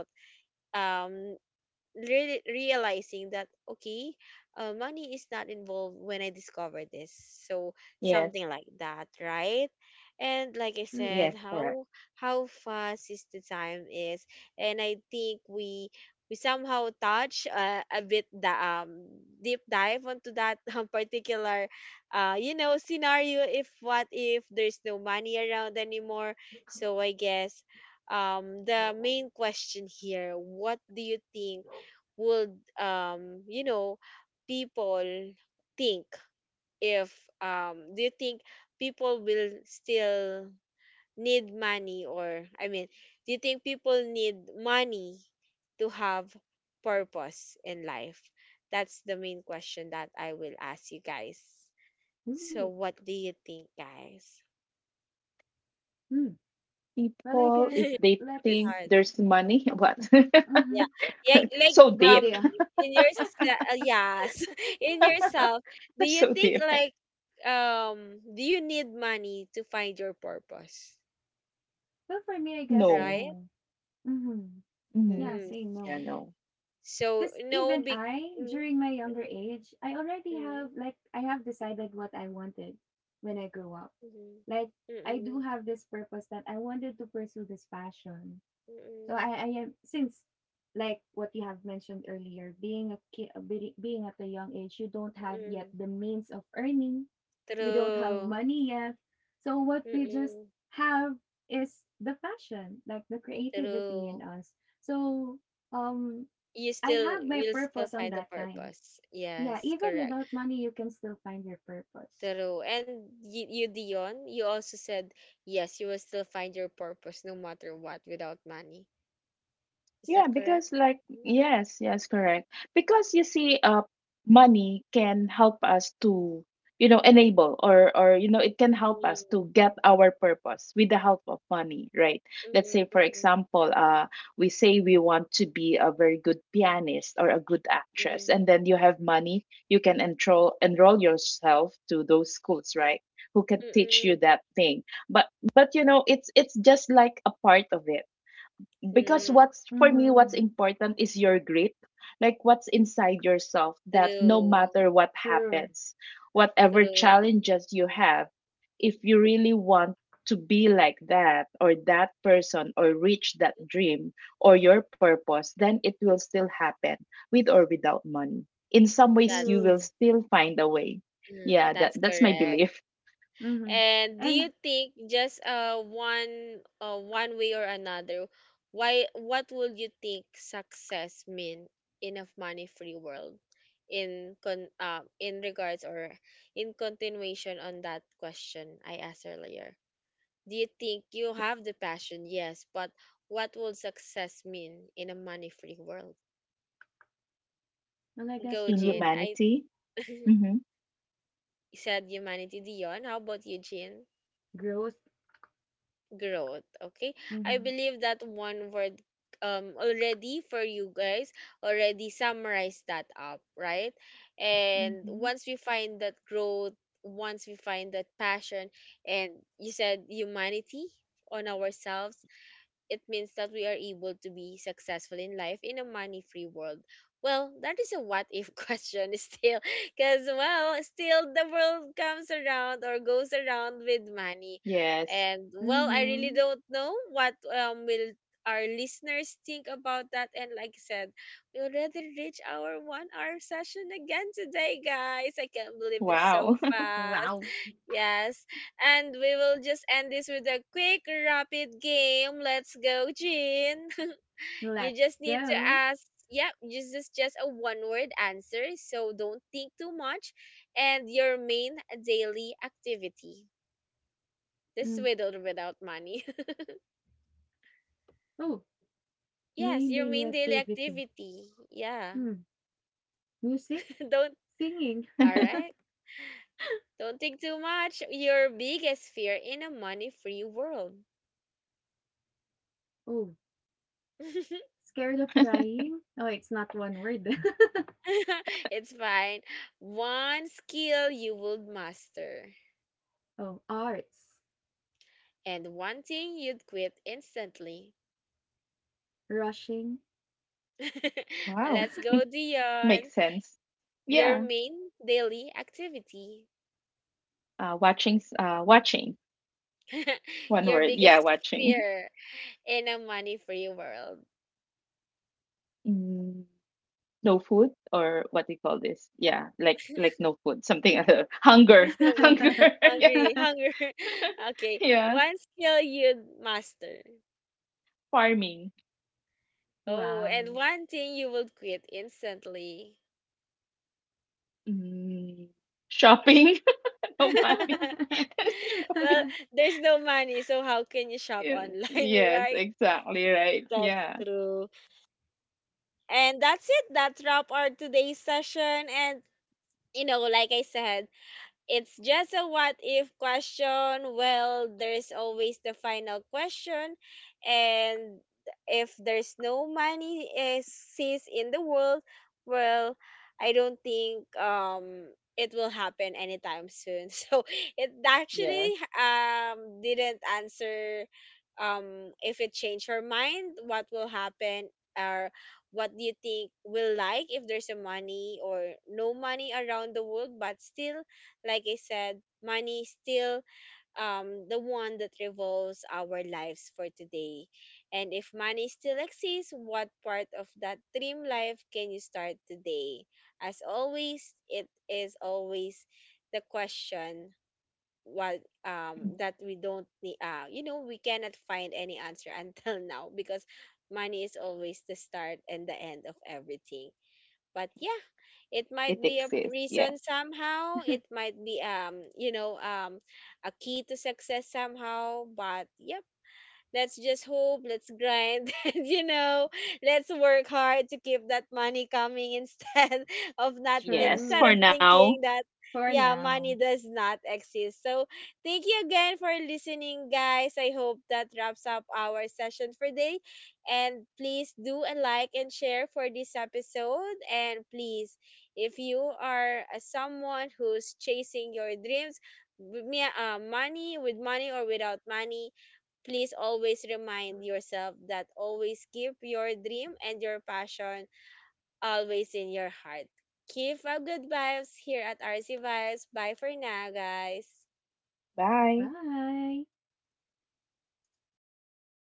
Speaker 1: um really realizing that, okay, money is not involved when I discovered this. So something
Speaker 2: Yes.
Speaker 1: like that, right? And like I
Speaker 2: Yes.
Speaker 1: said,
Speaker 3: True.
Speaker 2: Correct.
Speaker 1: how fast is the time is, and I think we somehow touch a bit the deep dive onto that particular you know, scenario, if what if there's no money around anymore. So I guess the main question here, what do you think would you know, people think if do you think people will still need money, or I mean, do you think people need money to have purpose in life? That's the main question that I will ask you guys. So
Speaker 3: Ooh.
Speaker 1: what do you think, guys?
Speaker 3: Mm. Well, I
Speaker 2: People,
Speaker 1: It's
Speaker 2: if
Speaker 3: guess
Speaker 2: they
Speaker 1: a bit hard,
Speaker 2: think
Speaker 3: let's
Speaker 2: there's money, what?
Speaker 1: yeah,
Speaker 3: Mm-hmm.
Speaker 1: yeah, like
Speaker 2: So
Speaker 1: um
Speaker 3: Go
Speaker 2: deep.
Speaker 3: there.
Speaker 1: in your yes, in yourself, do you
Speaker 2: So
Speaker 1: think
Speaker 2: deep.
Speaker 1: like do you need money to find your purpose,
Speaker 3: Well, for me, I guess
Speaker 1: right?
Speaker 2: No.
Speaker 3: no. Mm-hmm.
Speaker 2: Hmm.
Speaker 1: Mm.
Speaker 3: Yeah, say
Speaker 2: Yeah.
Speaker 3: no.
Speaker 2: No.
Speaker 1: So
Speaker 3: Because
Speaker 1: no, big
Speaker 3: even I,
Speaker 1: mm,
Speaker 3: during my
Speaker 1: mm,
Speaker 3: younger age, I already
Speaker 1: mm,
Speaker 3: have, like, I have decided what I wanted when I grew up.
Speaker 1: mm,
Speaker 3: Like, I
Speaker 1: mm,
Speaker 3: do have this purpose that I wanted to pursue this passion. So
Speaker 1: mm,
Speaker 3: I am, since, like, what you have mentioned earlier, being a kid, being at a young age, you don't have
Speaker 1: mm,
Speaker 3: yet the means of earning. We don't have
Speaker 1: true,
Speaker 3: money yet. So what we
Speaker 1: mm,
Speaker 3: just have is the passion, like the
Speaker 1: true.
Speaker 3: creativity in us. So, um,
Speaker 1: You
Speaker 3: I
Speaker 1: still
Speaker 3: have
Speaker 1: will
Speaker 3: my
Speaker 1: still
Speaker 3: purpose
Speaker 1: find the
Speaker 3: on that time.
Speaker 1: purpose, yes,
Speaker 3: Yeah, even
Speaker 1: correct.
Speaker 3: without money, you can still find your purpose.
Speaker 1: True. And you Dion, you also said yes, you will still find your purpose no matter what without money. Is that
Speaker 2: Yeah,
Speaker 1: correct?
Speaker 2: because like yes, yes, correct. Because you see, money can help us to, you know, enable or you know, it can
Speaker 1: Mm,
Speaker 2: help us to get our purpose with the help of money, right?
Speaker 1: mm,
Speaker 2: Let's say, for
Speaker 1: mm,
Speaker 2: example, we say we want to be a very good pianist or a good
Speaker 1: mm,
Speaker 2: actress, and then you have money, you can enroll yourself to those schools, right? Who can
Speaker 1: mm,
Speaker 2: teach you that thing? But but you know, it's just like a part of it
Speaker 1: mm.
Speaker 2: because what's for me what's
Speaker 3: Mm-hmm.
Speaker 2: important is your grit, like what's inside yourself that no
Speaker 1: True.
Speaker 2: matter what
Speaker 3: True.
Speaker 2: happens, whatever
Speaker 1: True.
Speaker 2: challenges you have, if you really want to be like that or that person or reach that dream or your purpose, then it will still happen with or without money. In some ways,
Speaker 1: That's
Speaker 2: you will
Speaker 3: True.
Speaker 2: still find a way.
Speaker 1: mm,
Speaker 2: Yeah,
Speaker 1: that's
Speaker 2: that's my
Speaker 1: correct.
Speaker 2: belief
Speaker 3: Mm-hmm.
Speaker 1: And do you
Speaker 3: And
Speaker 1: think just one one way or another, why what would you think success mean in a money free world? In con in regards, or in continuation on that question I asked earlier. Do you think you have the passion? Yes, but what will success mean in a money free world?
Speaker 3: well, I
Speaker 1: Go,
Speaker 3: guess
Speaker 2: in
Speaker 1: Jin.
Speaker 3: growth.
Speaker 1: I
Speaker 2: humanity. Hmm.
Speaker 1: said humanity. Dion, how about you, Jin?
Speaker 3: Growth.
Speaker 1: Growth, okay. I
Speaker 3: Mm-hmm.
Speaker 1: believe that one word already for you guys already summarize that up, right? And
Speaker 3: Mm-hmm.
Speaker 1: once we find that growth, once we find that passion, and you said humanity on ourselves, it means that we are able to be successful in life in a money free world. Well, that is a what if question still, because well, still the world comes around or goes around with money.
Speaker 2: Yes.
Speaker 1: And well, I really
Speaker 3: Mm-hmm.
Speaker 1: don't know what will our listeners think about that, and like I said, we already reached our one hour session again today, guys. I can't believe it's so
Speaker 2: Wow.
Speaker 1: fast.
Speaker 3: Wow.
Speaker 1: Yes, and we will just end this with a quick, rapid game. Let's go, Jin. You just
Speaker 3: Let's
Speaker 1: need to
Speaker 3: go.
Speaker 1: ask. Yeah, this is just a one word answer. So don't think too much. And your main daily activity. This is with
Speaker 3: Mm.
Speaker 1: or without money.
Speaker 3: Oh,
Speaker 1: Yes, your
Speaker 3: main
Speaker 1: main
Speaker 3: daily
Speaker 1: daily
Speaker 3: activity.
Speaker 1: activity. Yeah.
Speaker 3: Hmm. Music,
Speaker 1: Don't.
Speaker 3: singing.
Speaker 1: All right. Don't think too much. Your biggest fear in a money free world.
Speaker 3: Oh, scared of trying. Oh, it's not one word.
Speaker 1: It's fine. One skill you would master.
Speaker 3: Oh, arts,
Speaker 1: And one thing you'd quit instantly.
Speaker 3: rushing.
Speaker 1: Let's
Speaker 2: Wow.
Speaker 1: go, Dion.
Speaker 2: Makes sense.
Speaker 1: Your
Speaker 2: Yeah.
Speaker 1: main daily activity,
Speaker 2: Watching, watching.
Speaker 1: your
Speaker 2: One word.
Speaker 1: biggest
Speaker 2: Yeah, watching.
Speaker 1: fear in a money free world.
Speaker 2: Mm, no food or what do you call this? Yeah, like no food. Something other.
Speaker 1: Make the
Speaker 2: Hunger.
Speaker 1: wait.
Speaker 2: Hunger. Yeah.
Speaker 1: Hungry, hunger. Okay, one
Speaker 2: Yeah.
Speaker 1: skill you'd master.
Speaker 2: Farming.
Speaker 1: Oh, and
Speaker 3: Wow.
Speaker 1: one thing you would quit instantly.
Speaker 2: Mm, shopping. No money.
Speaker 1: Well,
Speaker 2: Shopping.
Speaker 1: there's no money, so how can you shop
Speaker 2: Yeah.
Speaker 1: online, right?
Speaker 2: Yes, exactly right.
Speaker 1: That's
Speaker 2: Yeah.
Speaker 1: true. And that's it. That wrap our today's session. And you know, like I said, it's just a what if question. Well, there's always the final question. And if there's no money cease in the world, well, I don't think it will happen anytime soon. So it actually
Speaker 2: Yes.
Speaker 1: didn't answer if it changed her mind, what will happen, or what do you think will, like, if there's a money or no money around the world, but still like I said, money is still the one that revolves our lives for today. And if money still exists, what part of that dream life can you start today? As always, it is always the question what
Speaker 2: Mhm.
Speaker 1: that we don't need you know, we cannot find any answer until now, because money is always the start and the end of everything. But yeah, it might
Speaker 2: It
Speaker 1: be a
Speaker 2: exists.
Speaker 1: prison
Speaker 2: Yeah.
Speaker 1: somehow, it might be you know, a key to success somehow, but yeah. Let's just hope, let's grind, and you know, let's work hard to keep that money coming instead of, not instead
Speaker 2: Yes.
Speaker 1: of
Speaker 3: True.
Speaker 2: For
Speaker 1: thinking
Speaker 2: now.
Speaker 1: that
Speaker 3: For
Speaker 1: yeah, money
Speaker 3: now.
Speaker 1: does not exist. So thank you again for listening, guys. I hope that wraps up our session for today. And please do a like and share for this episode. And please, if you are a someone who's chasing your dreams, with me, money with money or without money, please always remind yourself that always keep your dream and your passion always in your heart. Keep up good vibes here at RC Vibes. Bye for now, guys.
Speaker 2: Bye.
Speaker 3: Bye.